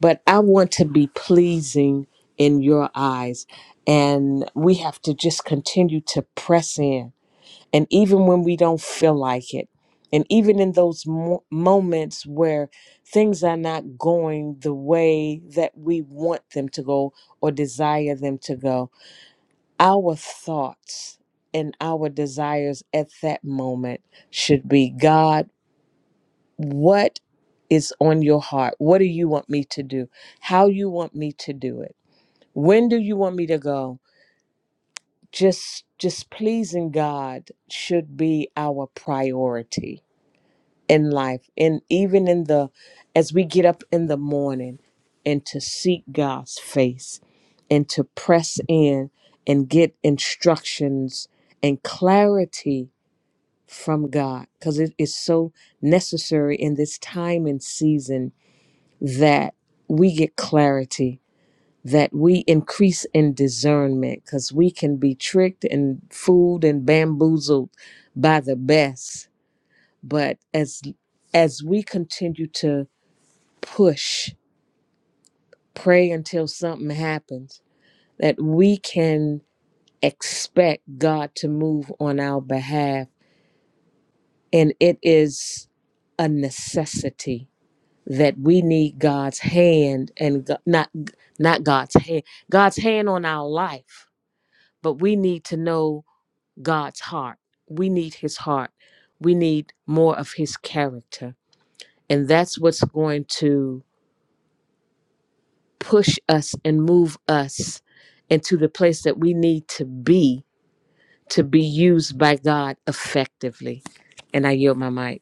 but I want to be pleasing in your eyes. And we have to just continue to press in. And even when we don't feel like it, and even in those mo- moments where things are not going the way that we want them to go or desire them to go, our thoughts and our desires at that moment should be God what is on your heart what do you want me to do how you want me to do it when do you want me to go just just pleasing god should be our priority in life and even in the as we get up in the morning and to seek god's face and to press in and get instructions and clarity from god because it is so necessary in this time and season that we get clarity, that we increase in discernment, because we can be tricked and fooled and bamboozled by the best. But as as we continue to push, pray until something happens, that we can expect God to move on our behalf. And it is a necessity that we need God's hand and go- not not God's hand, God's hand on our life, but we need to know God's heart. We need his heart. We need more of his character. And that's what's going to push us and move us into the place that we need to be to be used by God effectively. And I yield my mic.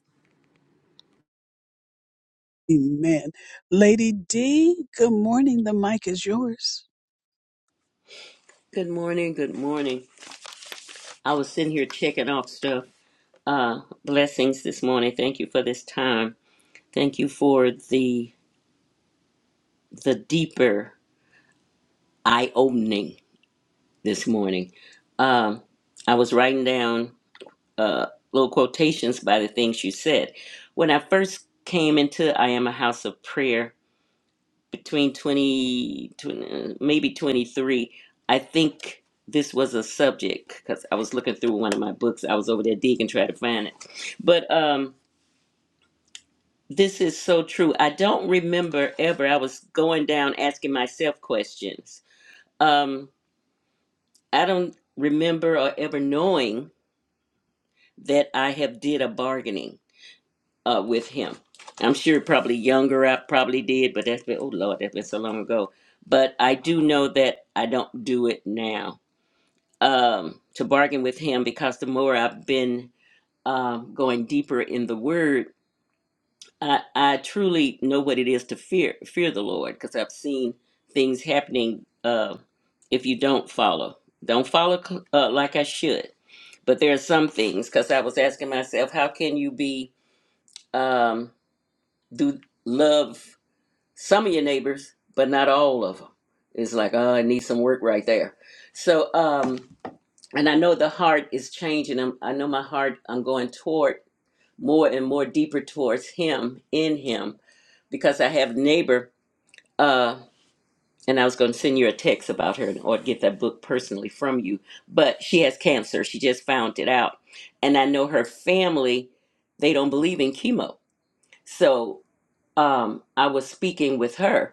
Amen. Lady D, good morning. The mic is yours. Good morning. Good morning. I was sitting here checking off stuff. Uh, blessings this morning. Thank you for this time. Thank you for the the deeper eye opening this morning. Um, I was writing down uh, little quotations by the things you said. When I first came into I am a house of prayer. between 20, 20, maybe 23 i think this was a subject because i was looking through one of my books i was over there digging trying to find it but um this is so true i don't remember ever i was going down asking myself questions um i don't remember or ever knowing that i have did a bargaining uh with him i'm sure probably younger i probably did but that's been oh lord that's been so long ago but i do know that i don't do it now um, to bargain with him because the more I've been um, going deeper in the Word, I, I truly know what it is to fear fear the Lord because I've seen things happening uh, if you don't follow. Don't follow cl- uh, like I should, but there are some things because I was asking myself, how can you be um, do love some of your neighbors but not all of them? It's like oh, I need some work right there. So. Um, and I know the heart is changing. I'm, I know my heart, I'm going toward more and more deeper towards Him, in Him, because I have neighbor, uh, and I was going to send you a text about her or get that book personally from you, but she has cancer. She just found it out. And I know her family, they don't believe in chemo. So um, I was speaking with her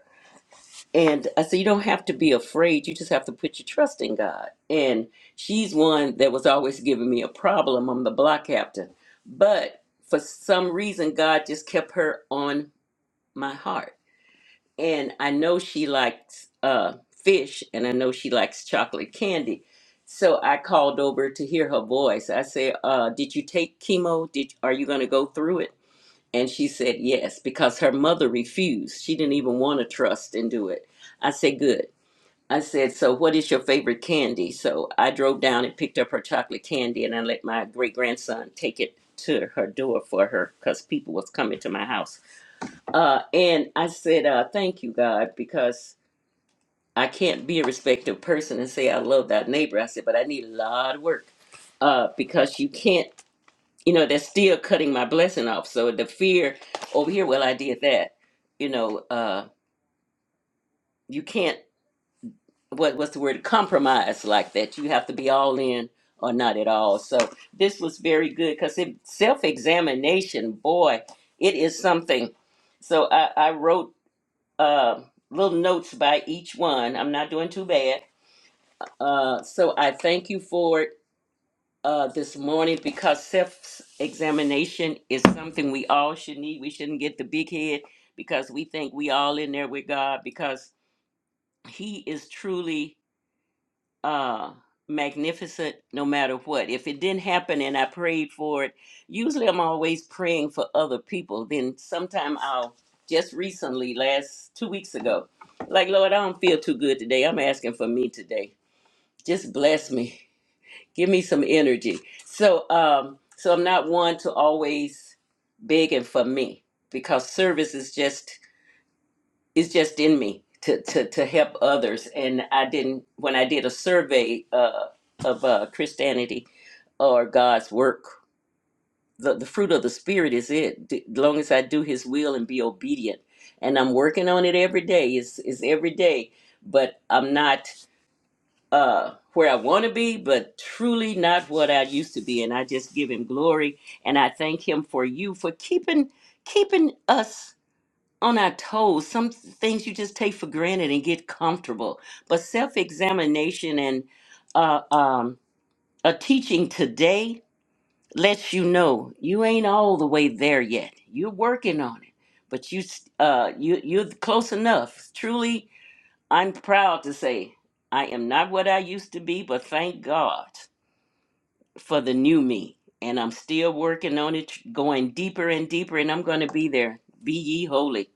and I said, you don't have to be afraid. You just have to put your trust in God. And she's one that was always giving me a problem. I'm the block captain. But for some reason, God just kept her on my heart. And I know she likes uh, fish and I know she likes chocolate candy. So I called over to hear her voice. I said, uh, did you take chemo? Did, are you going to go through it? And she said, yes, because her mother refused. She didn't even want to trust and do it. I said, good I said, So what is your favorite candy? So I drove down and picked up her chocolate candy and I let my great grandson take it to her door for her because people was coming to my house. Uh, and I said, uh, thank you, God, because I can't be a respectful person and say I love that neighbor. I said, but I need a lot of work. Uh, because you can't, you know, they're still cutting my blessing off. So the fear over here, well, I did that. You know, uh, you can't. what what's the word compromise like that you have to be all in or not at all so this was very good because it self-examination boy it is something so i i wrote uh little notes by each one i'm not doing too bad uh so i thank you for it uh this morning because self-examination is something we all should need we shouldn't get the big head because we think we all in there with god because he is truly uh magnificent no matter what if it didn't happen and i prayed for it usually i'm always praying for other people then sometime i'll just recently last two weeks ago like lord i don't feel too good today i'm asking for me today just bless me give me some energy so um so i'm not one to always begging for me because service is just it's just in me to to to help others. And I didn't when I did a survey uh, of uh, Christianity or God's work. The, the fruit of the spirit is it. D- As long as I do His will and be obedient, and I'm working on it every day. It's it's every day, but I'm not uh, where I want to be, but truly not what I used to be. And I just give Him glory, and I thank Him for you for keeping keeping us on our toes. Some things you just take for granted and get comfortable. But self examination and uh, um, a teaching today lets you know you ain't all the way there yet. You're working on it, but you s- uh, you you're close enough. Truly, I'm proud to say I am not what I used to be, but thank God for the new me. And I'm still working on it, going deeper and deeper, and I'm going to be there. Be ye holy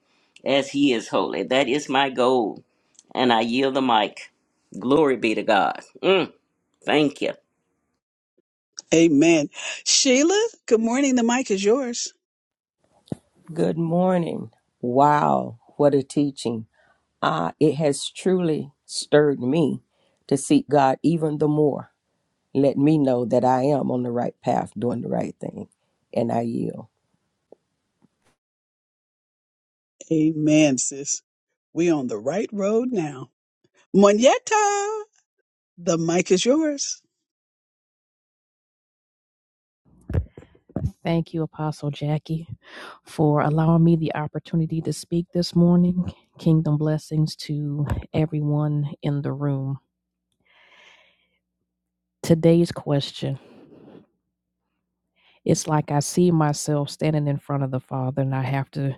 as he is holy. That is my goal. And I yield the mic. Glory be to God. Mm, thank you. Amen. Sheila, good morning. The mic is yours. Good morning. Wow, what a teaching. Ah, it has truly stirred me to seek God even the more. Let me know that I am on the right path, doing the right thing, and I yield. Amen, sis. We on the right road now. Monietta, the mic is yours. Thank you, Apostle Jackie, for allowing me the opportunity to speak this morning. Kingdom blessings to everyone in the room. Today's question it's like I see myself standing in front of the Father, and I have to,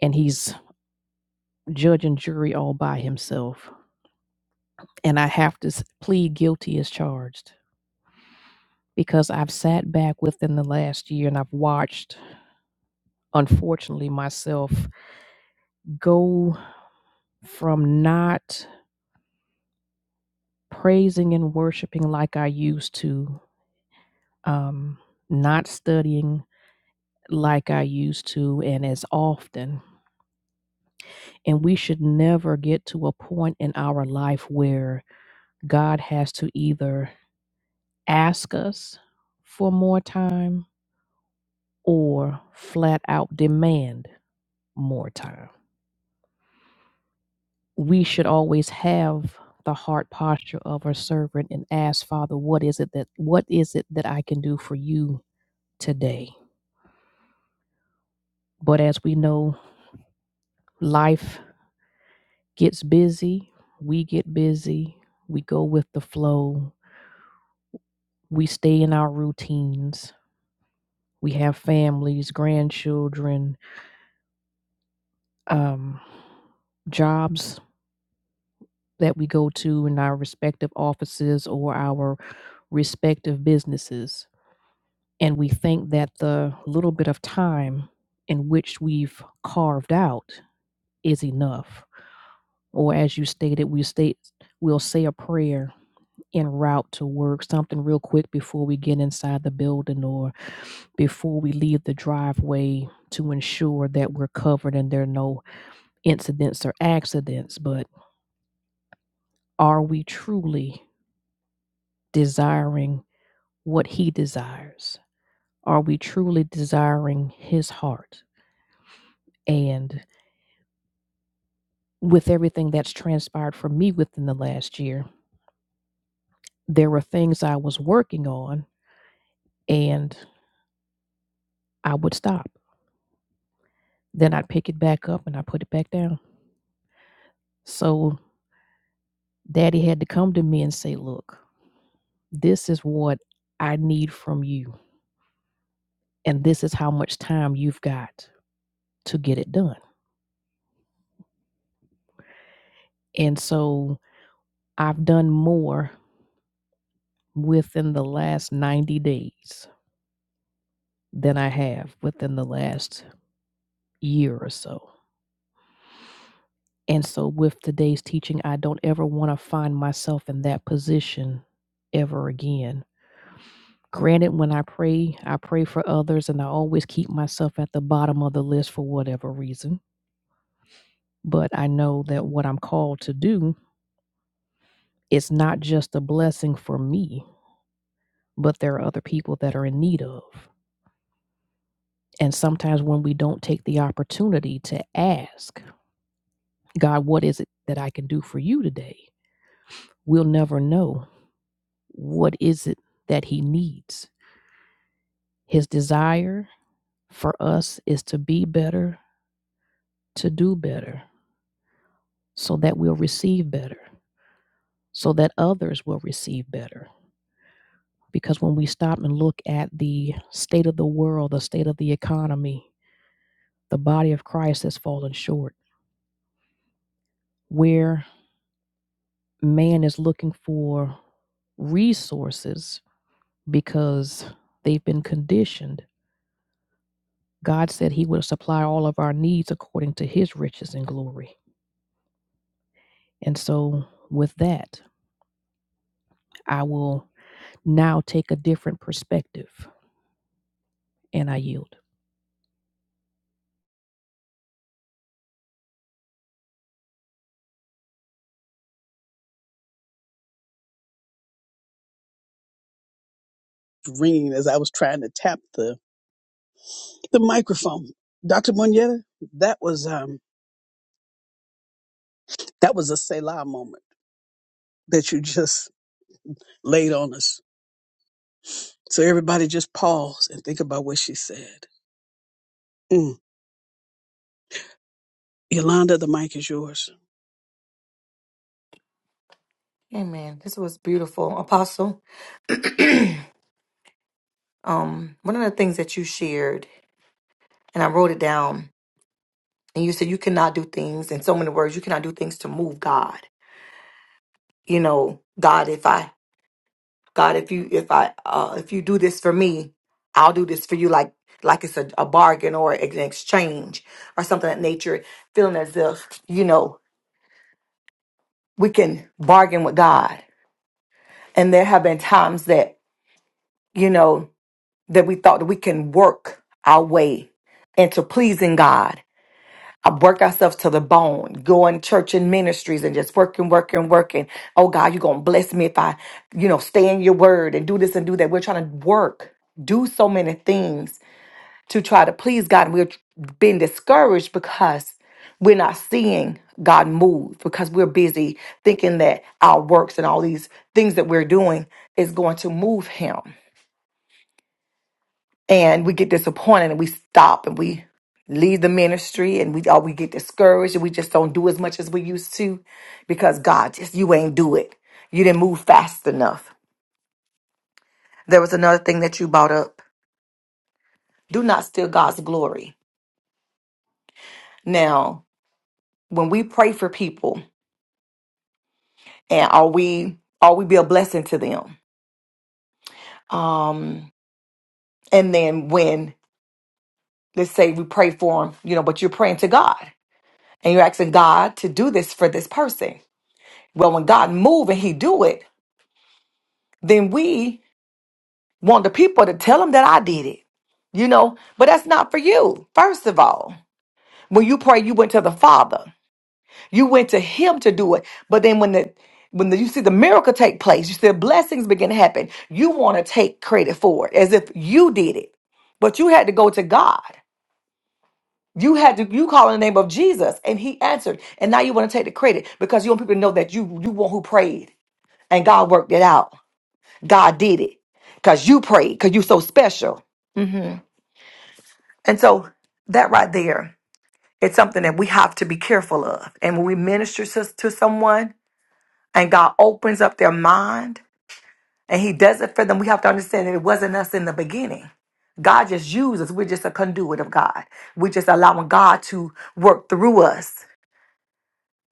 and He's judge and jury all by Himself. And I have to s- plead guilty as charged because I've sat back within the last year and I've watched, unfortunately, myself go from not praising and worshiping like I used to, um, not studying like I used to and as often. And we should never get to a point in our life where God has to either ask us for more time or flat out demand more time. We should always have the heart posture of a servant and ask Father, what is it that what is it that I can do for you today? But as we know, life gets busy, we get busy, we go with the flow, we stay in our routines, we have families, grandchildren, um, jobs that we go to in our respective offices or our respective businesses. And we think that the little bit of time in which we've carved out is enough. Or as you stated, we state we'll say a prayer en route to work, something real quick before we get inside the building or before we leave the driveway to ensure that we're covered and there are no incidents or accidents. But are we truly desiring what He desires? Are we truly desiring His heart? And with everything that's transpired for me within the last year, there were things I was working on and I would stop. Then I'd pick it back up and I put it back down. So Daddy had to come to me and say, Look, this is what I need from you. And this is how much time you've got to get it done. And so I've done more within the last 90 days than I have within the last year or so. And so with today's teaching, I don't ever want to find myself in that position ever again. Granted, when I pray, I pray for others and I always keep myself at the bottom of the list for whatever reason But I know that what I'm called to do is not just a blessing for me, but there are other people that are in need of. And sometimes when we don't take the opportunity to ask, God, what is it that I can do for you today? We'll never know what is it that he needs. His desire for us is to be better, to do better, so that we'll receive better, so that others will receive better. because when we stop and look at the state of the world, the state of the economy, the body of Christ has fallen short. Where man is looking for resources because they've been conditioned, God said He would supply all of our needs according to His riches and glory. And so, with that, I will now take a different perspective and I yield. Ringing as I was trying to tap the, the microphone. Dr. Monietta, that was um that was a Selah moment that you just laid on us. So everybody just pause and think about what she said. Mm. Yolanda, the mic is yours. Amen. This was beautiful, Apostle. um, one of the things that you shared, and I wrote it down, and you said you cannot do things in so many words. You cannot do things to move God. You know, God, if I, God, if you, if I, uh, if you do this for me, I'll do this for you. Like, like it's a, a bargain or an exchange or something of that nature. Feeling as if you know we can bargain with God. And there have been times that you know. that we thought that we can work our way into pleasing God. I work ourselves to the bone, going church and ministries and just working, working, working. Oh God, you're gonna bless me if I, you know, stay in your word and do this and do that. We're trying to work, do so many things to try to please God. And we're being discouraged because we're not seeing God move, because we're busy thinking that our works and all these things that we're doing is going to move him. and we get disappointed and we stop and we leave the ministry and we all we get discouraged and we just don't do as much as we used to because God just you ain't do it. You didn't move fast enough. There was another thing that you brought up. Do not steal God's glory. Now, when we pray for people and are we are we be a blessing to them? Um and then when let's say we pray for them, you know, but you're praying to God and you're asking God to do this for this person. Well, when God move and He do it, then we want the people to tell them that I did it, you know? But that's not for you. First of all, when you pray, you went to the Father, you went to Him to do it. But then when the when the, you see the miracle take place, you see the blessings begin to happen. You want to take credit for it as if you did it, but you had to go to God. You had to you call in the name of Jesus, and He answered. And now you want to take the credit because you want people to know that you you one who prayed and God worked it out. God did it because you prayed because you're so special. And so that right there, it's something that we have to be careful of. And when we minister to, to someone and God opens up their mind and he does it for them, we have to understand that it wasn't us in the beginning. God just used us. We're just a conduit of God. We're just allowing God to work through us.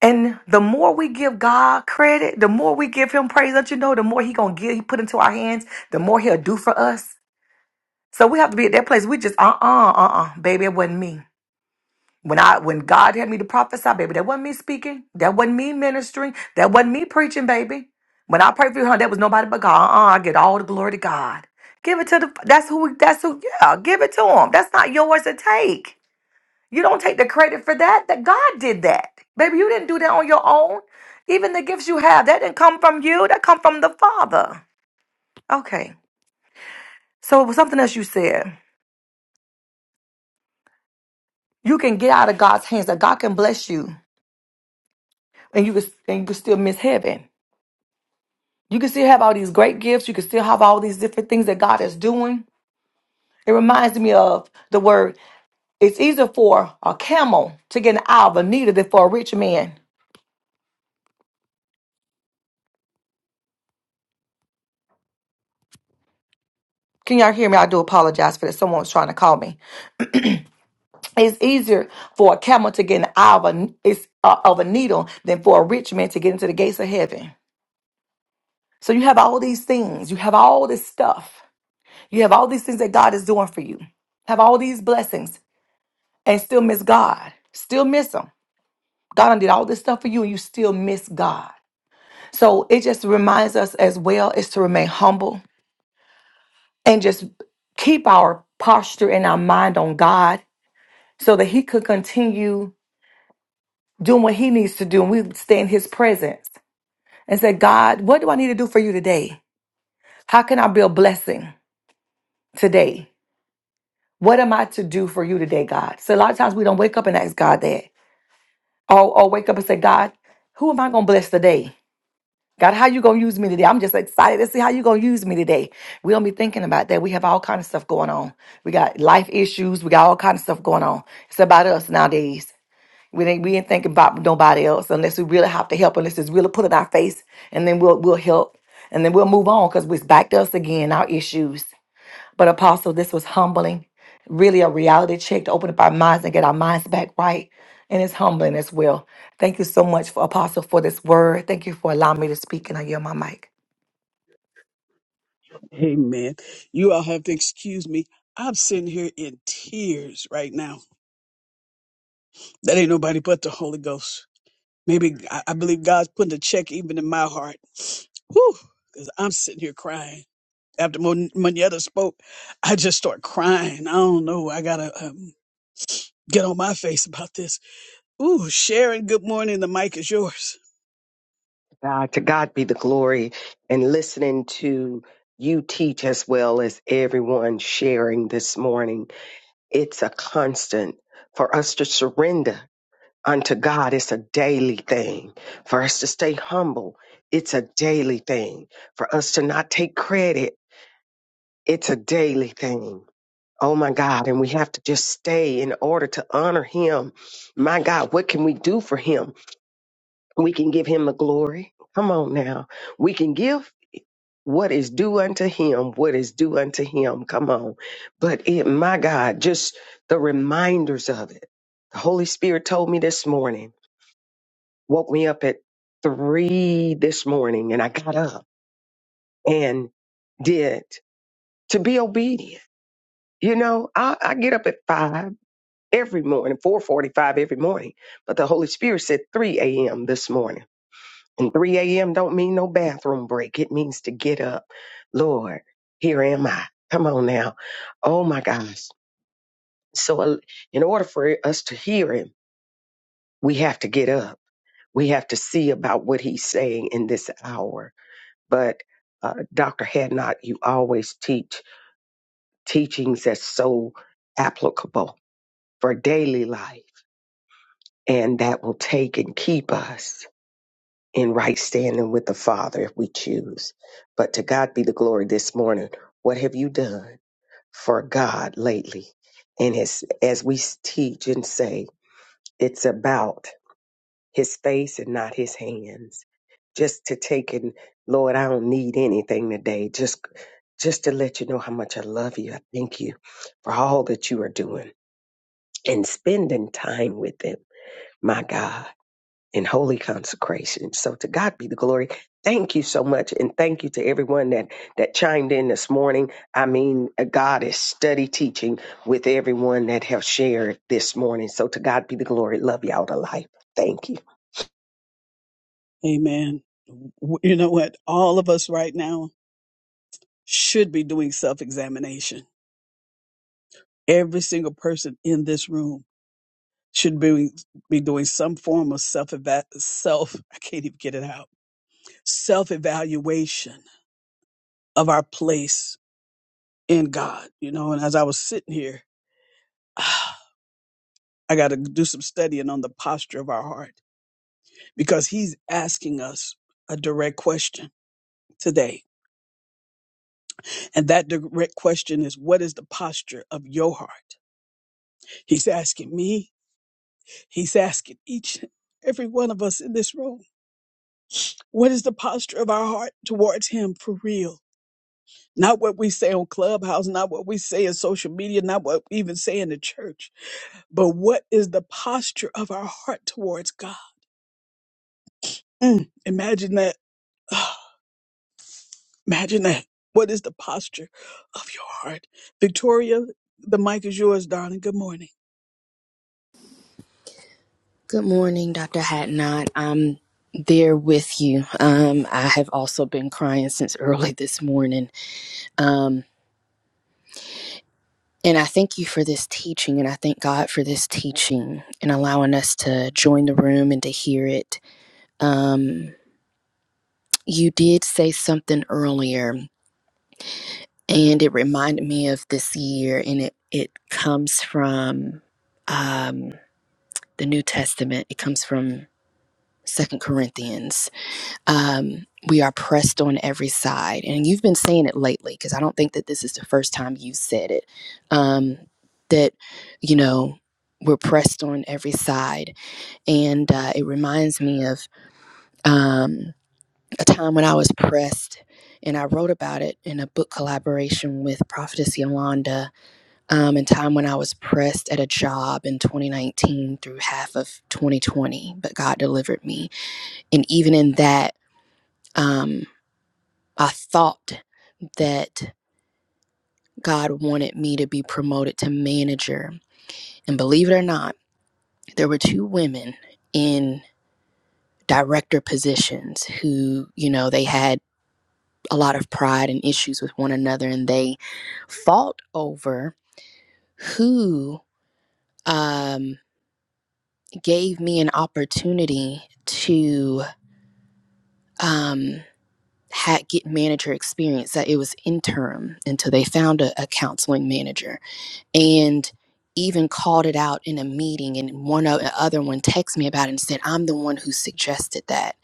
And the more we give God credit, the more we give him praise, don't you know, the more he gonna give, he put into our hands, the more he'll do for us. So we have to be at that place. We just, uh-uh, uh-uh, baby, it wasn't me. When I when God had me to prophesy, baby, that wasn't me speaking. That wasn't me ministering. That wasn't me preaching, baby. When I prayed for you, honey, that was nobody but God. Uh-uh, I get all the glory to God. Give it to the that's who that's who yeah, give it to him. That's not yours to take. You don't take the credit for that. That God did that. Baby, you didn't do that on your own. Even the gifts you have, that didn't come from you. That come from the Father. Okay. So it was something else you said. You can get out of God's hands that God can bless you and you can and you can still miss heaven. You can still have all these great gifts. You can still have all these different things that God is doing. It reminds me of the word it's easier for a camel to get an eye of a needle than for a rich man. Can y'all hear me? I do apologize for that. Someone's trying to call me. It's easier for a camel to get an eye of a, it's, uh, of a needle than for a rich man to get into the gates of heaven. So you have all these things. You have all this stuff. You have all these things that God is doing for you. Have all these blessings and still miss God. Still miss Him God done did all this stuff for you and you still miss God. So it just reminds us as well is to remain humble and just keep our posture and our mind on God so that He could continue doing what He needs to do. And we stay in His presence and say, God, what do I need to do for you today? How can I be a blessing today? What am I to do for you today, God? So a lot of times we don't wake up and ask God that. Or, or wake up and say, God, who am I going to bless today? God, how you gonna use me today? I'm just excited to see how you gonna use me today. We don't be thinking about that. We have all kind of stuff going on. We got life issues. We got all kind of stuff going on. It's about us nowadays. We ain't we ain't thinking about nobody else unless we really have to help. Unless it's really put in our face, and then we'll we'll help, and then we'll move on because it's back to us again. Our issues. But Apostle, this was humbling, really a reality check to open up our minds and get our minds back right. And it's humbling as well. Thank you so much for Apostle for this word. Thank you for allowing me to speak and I yield my mic. Amen. You all have to excuse me. I'm sitting here in tears right now. That ain't nobody but the Holy Ghost. Maybe I, I believe God's putting a check even in my heart. Whew, because I'm sitting here crying. After Mon- Moneta spoke, I just start crying. I don't know. I gotta um, get on my face about this. Ooh, Sharon, good morning. The mic is yours. God, to God be the glory and listening to you teach as well as everyone sharing this morning. It's a constant for us to surrender unto God. It's a daily thing for us to stay humble. It's a daily thing for us to not take credit. It's a daily thing. Oh my God. And we have to just stay in order to honor him. My God, what can we do for him? We can give him the glory. Come on now. We can give what is due unto him, what is due unto him. Come on. But it, my God, just the reminders of it. The Holy Spirit told me this morning, woke me up at three this morning, and I got up and did to be obedient. You know, I, I get up at five every morning, 445 every morning, but the Holy Spirit said 3 a.m. this morning. And 3 a.m. don't mean no bathroom break. It means to get up. Lord, here am I. Come on now. Oh my gosh. So, uh, in order for us to hear him, we have to get up. We have to see about what he's saying in this hour. But, uh, Dr. Hadnot, you always teach teachings that's so applicable for daily life, and that will take and keep us. in right standing with the Father if we choose. But to God be the glory this morning. What have you done for God lately? And as, as we teach and say, it's about his face and not his hands. Just to take and Lord, I don't need anything today. Just just to let you know how much I love you. I thank you for all that you are doing and spending time with him, my God in holy consecration. So to God be the glory. Thank you so much, and thank you to everyone that that chimed in this morning. I mean, uh, God is study teaching with everyone that have shared this morning. So to God be the glory. Love y'all to life. Thank you. Amen. W- You know what? All of us right now should be doing self examination. Every single person in this room should be, be doing some form of self self. I can't even get it out. Self evaluation of our place in God, you know. And as I was sitting here, I got to do some studying on the posture of our heart because He's asking us a direct question today. And that direct question is, What is the posture of your heart? He's asking me, He's asking each and every one of us in this room, What is the posture of our heart towards Him for real? Not what we say on Clubhouse, not what we say in social media, not what we even say in the church, but what is the posture of our heart towards God? Mm, imagine that. Ah, imagine that. What is the posture of your heart? Victoria, the mic is yours, darling. Good morning. Good morning, Dr. Hatnot. I'm there with you. Um, I have also been crying since early this morning. Um, and I thank you for this teaching, and I thank God for this teaching and allowing us to join the room and to hear it. Um, you did say something earlier, and it reminded me of this year, and it, it comes from um, the New Testament, it comes from Second Corinthians um, we are pressed on every side. And you've been saying it lately because I don't think that this is the first time you said it. Um, that, you know, we're pressed on every side. And uh, it reminds me of um, a time when I was pressed. And I wrote about it in a book collaboration with Prophetess Yolanda. Um, and time when I was pressed at a job in 2019 through half of 2020, but God delivered me. And even in that, um, I thought that God wanted me to be promoted to manager. And believe it or not, there were two women in director positions who, you know, they had a lot of pride and issues with one another and they fought over who um, gave me an opportunity to um, ha- get manager experience. That it was interim until they found a, a counseling manager and even called it out in a meeting and one o- the other one texted me about it and said i'm the one who suggested that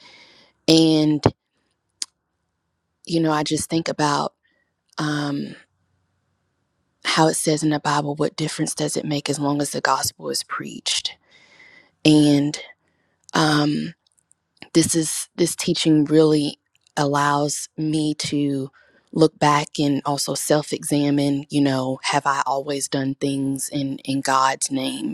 and you know i just think about um, how it says in the bible what difference does it make as long as the gospel is preached and um, this is this teaching really allows me to look back and also self-examine you know have i always done things in in god's name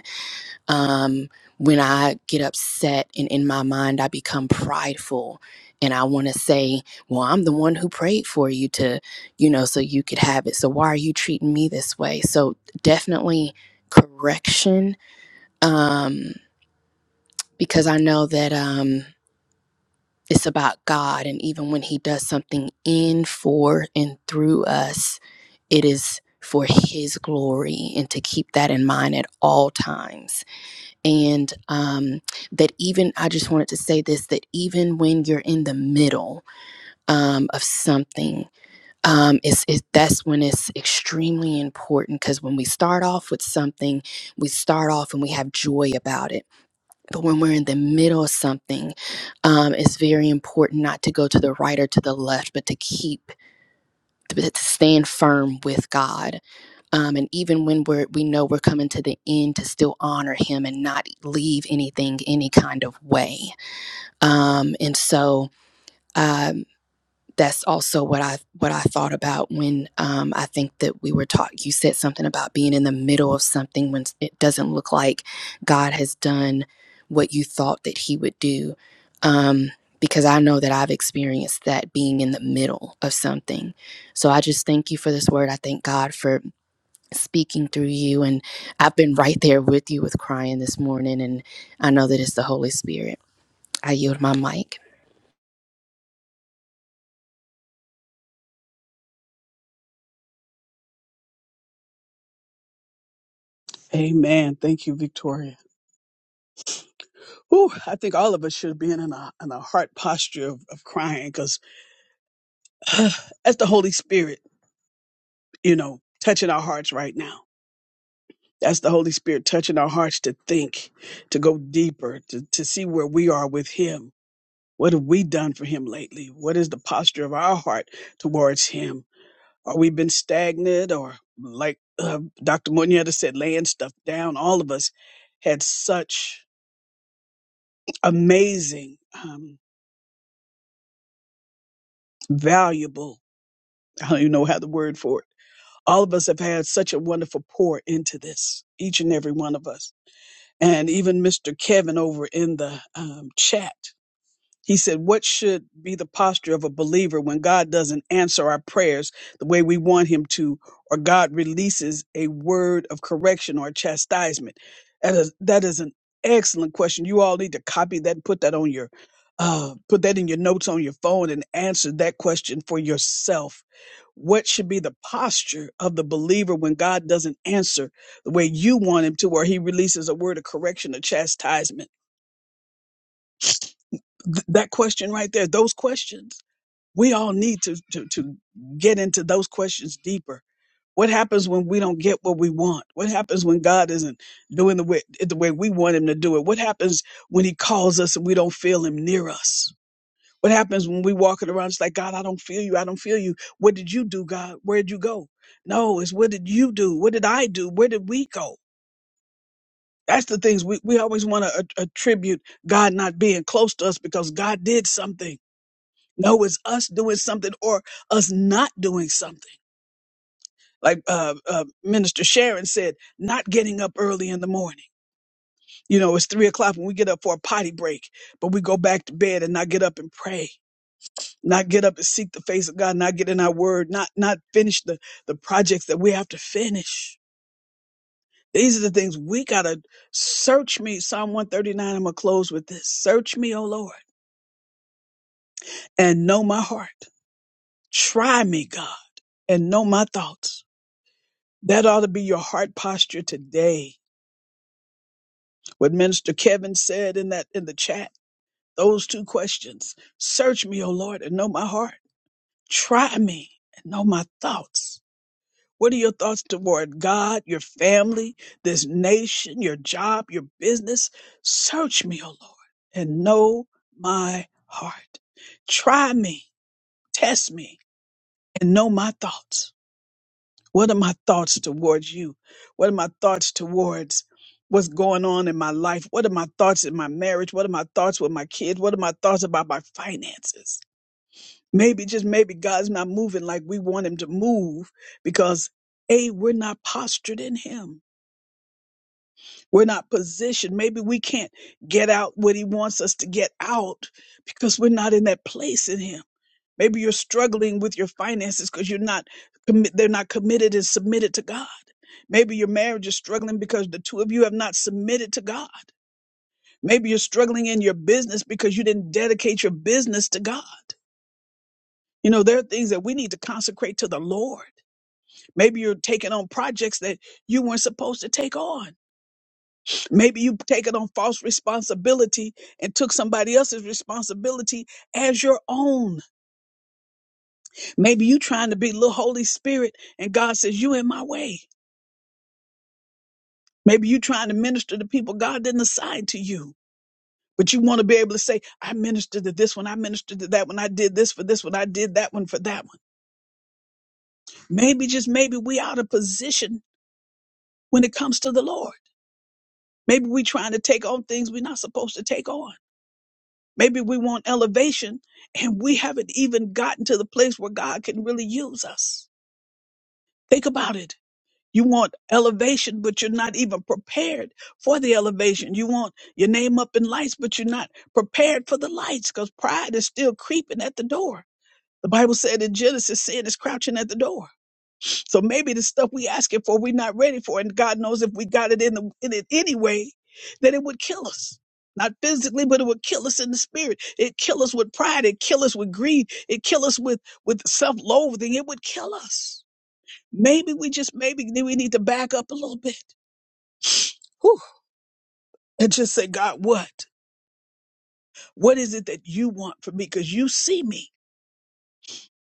um, when I get upset and in my mind I become prideful and I want to say, well, I'm the one who prayed for you to, you know, so you could have it. So why are you treating me this way? So definitely correction um, because I know that um, it's about God. And even when He does something in, for, and through us, it is for His glory and to keep that in mind at all times and um, that even I just wanted to say this that even when you're in the middle um, of something, um, it's, it's that's when it's extremely important because when we start off with something, we start off and we have joy about it. But when we're in the middle of something, um, it's very important not to go to the right or to the left, but to keep to stand firm with God um, and even when we're we know we're coming to the end to still honor him and not leave anything any kind of way um, and so um, that's also what i what i thought about when um, i think that we were taught you said something about being in the middle of something when it doesn't look like god has done what you thought that he would do um, because i know that i've experienced that being in the middle of something so i just thank you for this word i thank god for speaking through you. And I've been right there with you with crying this morning. And I know that it's the Holy Spirit. I yield my mic. Amen. Thank you, Victoria. Ooh, I think all of us should be in a, in a heart posture of, of crying because that's the Holy Spirit, you know, touching our hearts right now That's the Holy Spirit touching our hearts to think, to go deeper, to, to see where we are with Him. What have we done for Him lately? What is the posture of our heart towards Him? Are we been stagnant or like uh, Dr. Moneta said, laying stuff down? All of us had such amazing, um, valuable, I don't even know how the word for it. All of us have had such a wonderful pour into this, each and every one of us. And even Mr. Kevin over in the um, chat He said, What should be the posture of a believer when God doesn't answer our prayers the way we want Him to, or God releases a word of correction or chastisement? That is, that is an excellent question. You all need to copy that and put that on your. Uh, put that in your notes on your phone and answer that question for yourself. What should be the posture of the believer when God doesn't answer the way you want him to, or he releases a word of correction or chastisement? Th- that question right there, those questions we all need to, to, to get into those questions deeper. What happens when we don't get what we want? What happens when God isn't doing the way, the way we want him to do it? What happens when he calls us and we don't feel him near us? What happens when we walking around it's like, God, I don't feel you. I don't feel you. What did you do, God? where did you go? No, it's what did you do? What did I do? Where did we go? That's the things we, we always want to attribute God not being close to us because God did something. No, it's us doing something or us not doing something. Like uh, uh, Minister Sharon said, not getting up early in the morning. You know, it's three o'clock when we get up for a potty break, but we go back to bed and not get up and pray, not get up and seek the face of God, not get in our word, not not finish the the projects that we have to finish. These are the things we gotta search me. Psalm one thirty nine. I'm gonna close with this: Search me, O Lord, and know my heart. Try me, God, and know my thoughts That ought to be your heart posture today. What Minister Kevin said in that in the chat, those two questions. Search me, O Lord, and know my heart. Try me and know my thoughts. What are your thoughts toward God, your family, this nation, your job, your business? Search me, O Lord, and know my heart. Try me, test me, and know my thoughts. What are my thoughts towards you? What are my thoughts towards what's going on in my life? What are my thoughts in my marriage? What are my thoughts with my kids? What are my thoughts about my finances? Maybe, just maybe, God's not moving like we want Him to move because A, we're not postured in Him. We're not positioned. Maybe we can't get out what He wants us to get out because we're not in that place in Him. Maybe you're struggling with your finances because you're not commi- they're not committed and submitted to God. Maybe your marriage is struggling because the two of you have not submitted to God. Maybe you're struggling in your business because you didn't dedicate your business to God. You know, there are things that we need to consecrate to the Lord. Maybe you're taking on projects that you weren't supposed to take on. Maybe you've taken on false responsibility and took somebody else's responsibility as your own. Maybe you trying to be little Holy Spirit and God says, you in my way. Maybe you trying to minister to people God didn't assign to you. But you want to be able to say, I ministered to this one, I ministered to that one, I did this for this one, I did that one for that one. Maybe just maybe we out of position when it comes to the Lord. Maybe we trying to take on things we're not supposed to take on. Maybe we want elevation and we haven't even gotten to the place where God can really use us. Think about it. You want elevation, but you're not even prepared for the elevation. You want your name up in lights, but you're not prepared for the lights because pride is still creeping at the door. The Bible said in Genesis, sin is crouching at the door. So maybe the stuff we asking for, we're not ready for. And God knows if we got it in, the, in it anyway, that it would kill us. Not physically, but it would kill us in the spirit. It kill us with pride. It kill us with greed. It kill us with, with self-loathing. It would kill us. Maybe we just, maybe we need to back up a little bit whew, and just say, God, what? What is it that you want from me? Because you see me.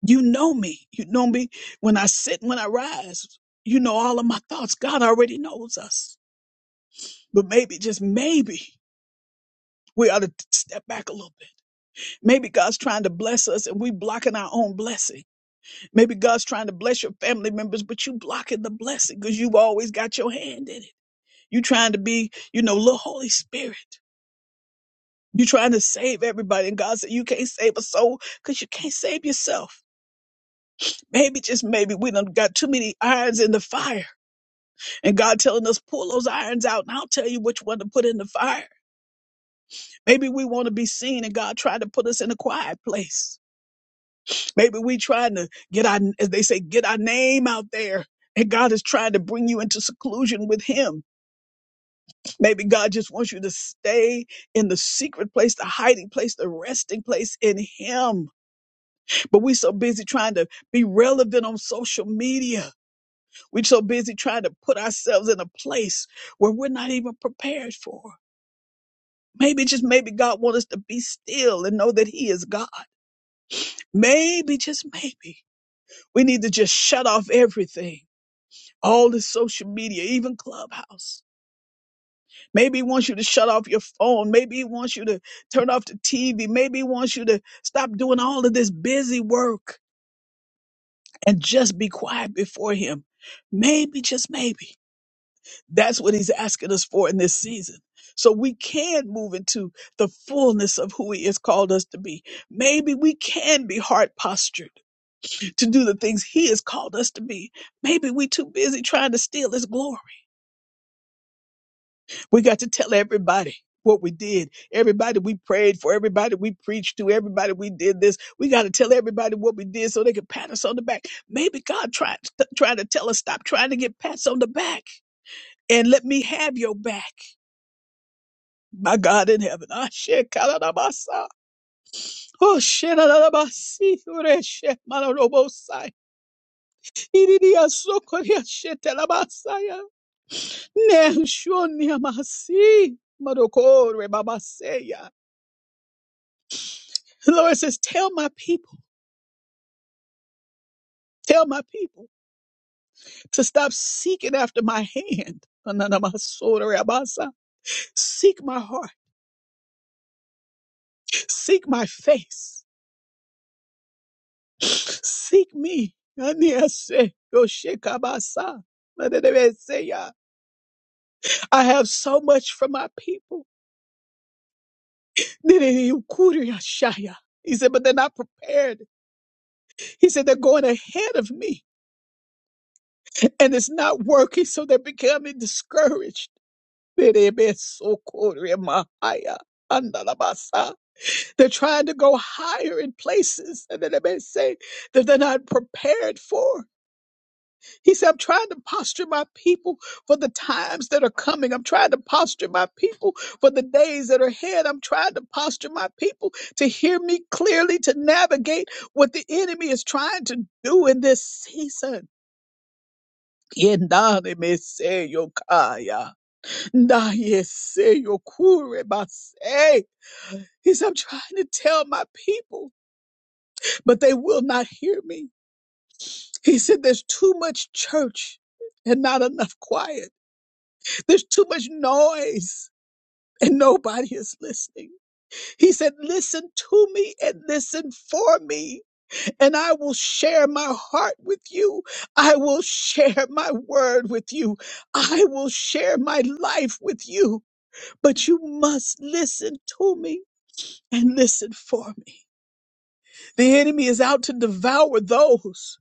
You know me. You know me when I sit and when I rise. You know all of my thoughts. God already knows us. But maybe, just maybe, we ought to step back a little bit. Maybe God's trying to bless us and we blocking our own blessing. Maybe God's trying to bless your family members, but you blocking the blessing because you've always got your hand in it. You trying to be, you know, little Holy Spirit. You're trying to save everybody, and God said you can't save a soul because you can't save yourself. Maybe just maybe we done got too many irons in the fire, and God telling us pull those irons out, and I'll tell you which one to put in the fire. Maybe we want to be seen, and God trying to put us in a quiet place. Maybe we trying to get our, as they say, get our name out there, and God is trying to bring you into seclusion with Him. Maybe God just wants you to stay in the secret place, the hiding place, the resting place in Him But we so busy trying to be relevant on social media. we so busy trying to put ourselves in a place where we're not even prepared for. Maybe just maybe God wants us to be still and know that He is God. Maybe just maybe we need to just shut off everything, all the social media, even Clubhouse. Maybe He wants you to shut off your phone. Maybe He wants you to turn off the TV. Maybe He wants you to stop doing all of this busy work and just be quiet before him. Maybe, just maybe. That's what he's asking us for in this season. So we can move into the fullness of who he has called us to be. Maybe we can be hard postured to do the things he has called us to be. Maybe we too busy trying to steal his glory. We got to tell everybody what we did. Everybody we prayed for, everybody we preached to, everybody we did this. We got to tell everybody what we did so they can pat us on the back. Maybe God tried trying to tell us stop trying to get pats on the back and let me have your back. My God in heaven. Ah, shit, kaladabasa. Oh, shit, aladabasi, ure, shit, malarobosai. Iridia, sokoria, shit, telabasaya. Ne, shoni, amasi, marokore, babaseya. The Lord says, Tell my people, tell my people to stop seeking after my hand. Seek my heart, seek my face, seek me. I have so much for my people. He said, but they're not prepared. He said, they're going ahead of me and it's not working, so they're becoming discouraged. Berebesokoremahaya, andalabasa. They're trying to go higher in places and then they may say that they're not prepared for. He said, I'm trying to posture my people for the times that are coming. I'm trying to posture my people for the days that are ahead. I'm trying to posture my people to hear me clearly, to navigate what the enemy is trying to do in this season. Yendane me se yokaya. Nah, yes, say your yokure base. He said, I'm trying to tell my people, but they will not hear me. He said, There's too much church and not enough quiet. There's too much noise and nobody is listening. He said, Listen to me and listen for me, and I will share my heart with you. I will share my word with you. I will share my life with you, but you must listen to me. and listen for me. The enemy is out to devour those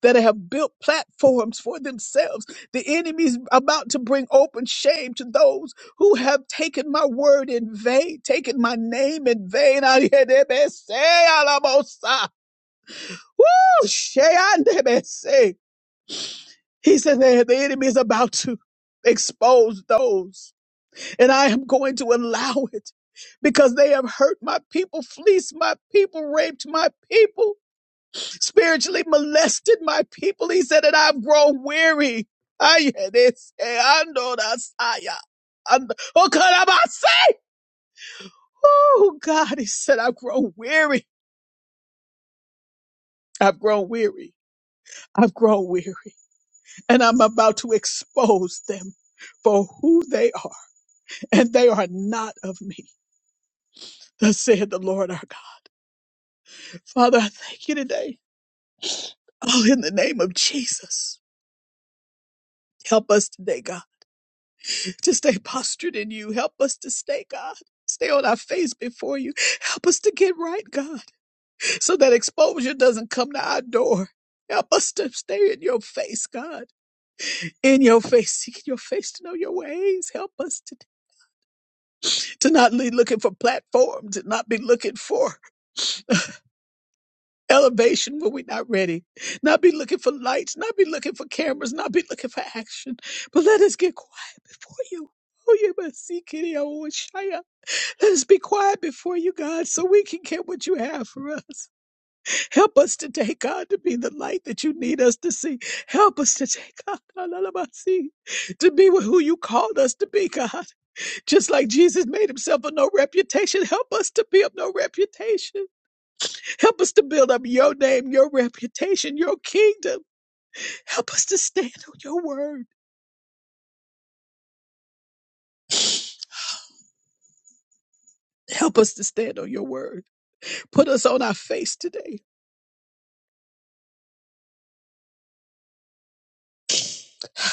that have built platforms for themselves. The enemy is about to bring open shame to those who have taken my word in vain, taken my name in vain. Woo! Sheandebese. He said that the enemy is about to expose those, and I am going to allow it because they have hurt my people, fleeced my people, raped my people. spiritually molested my people. He said, and I've grown weary. Ay, this, eh, ando da saya, ando- Oh, carabasa. Oh, God, he said, I've grown weary. I've grown weary. I've grown weary. And I'm about to expose them for who they are. And they are not of me, thus said the Lord our God. Father, I thank you today. Oh, in the name of Jesus. Help us today, God. to stay postured in you. Help us to stay, God. Stay on our face before you. Help us to get right, God, so that exposure doesn't come to our door. Help us to stay in your face, God. In your face, seeking your face to know your ways. Help us to, to not be looking for platforms and not be looking for elevation when we're not ready. Not be looking for lights, not be looking for cameras, not be looking for action. But let us get quiet before you. Oh, you must seek it, yeah, oh, Shia. Let us be quiet before you, God, so we can get what you have for us. Help us today, God, to be the light that you need us to see. Help us today, God, to be who you called us to be, God. Just like Jesus made himself of no reputation, help us to be of no reputation. Help us to build up your name, your reputation, your kingdom. Help us to stand on your word. Help us to stand on your word. Put us on our face today.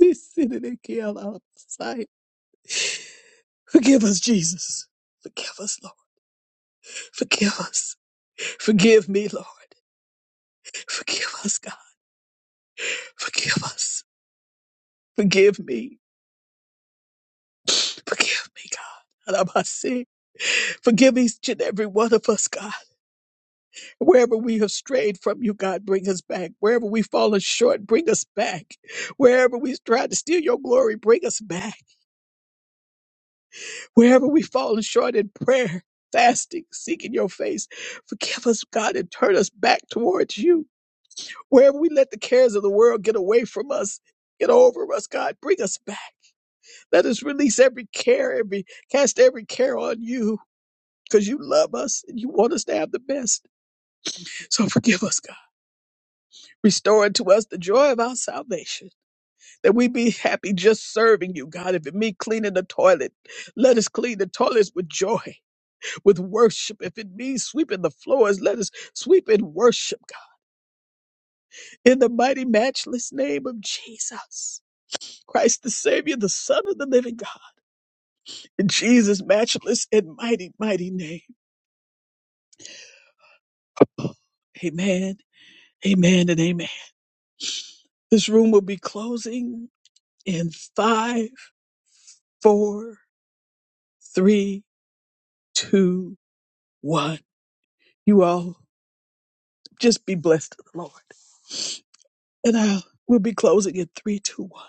We sit in it, Kiel, Alalabasi. Forgive us, Jesus. Forgive us, Lord. Forgive us. Forgive me, Lord. Forgive us, God. Forgive us. Forgive me. Forgive me, God. Alabasi. Forgive each and every one of us, God. Wherever we have strayed from you, God, bring us back. Wherever we've fallen short, bring us back. Wherever we tried to steal your glory, bring us back. Wherever we've fallen short in prayer, fasting, seeking your face, forgive us, God, and turn us back towards you. Wherever we let the cares of the world get away from us, get over us, God, bring us back. Let us release every care, every cast every care on you, because you love us and you want us to have the best. So forgive us, God. Restore unto us the joy of our salvation, that we be happy just serving you, God. If it means cleaning the toilet, let us clean the toilets with joy, with worship. If it means sweeping the floors, let us sweep in worship, God. In the mighty, matchless name of Jesus. Christ the Savior, the Son of the living God. In Jesus' matchless and mighty, mighty name. Amen, amen, and amen. This room will be closing in five, four, three, two, one. You all just be blessed to the Lord. And I will be closing in three, two, one.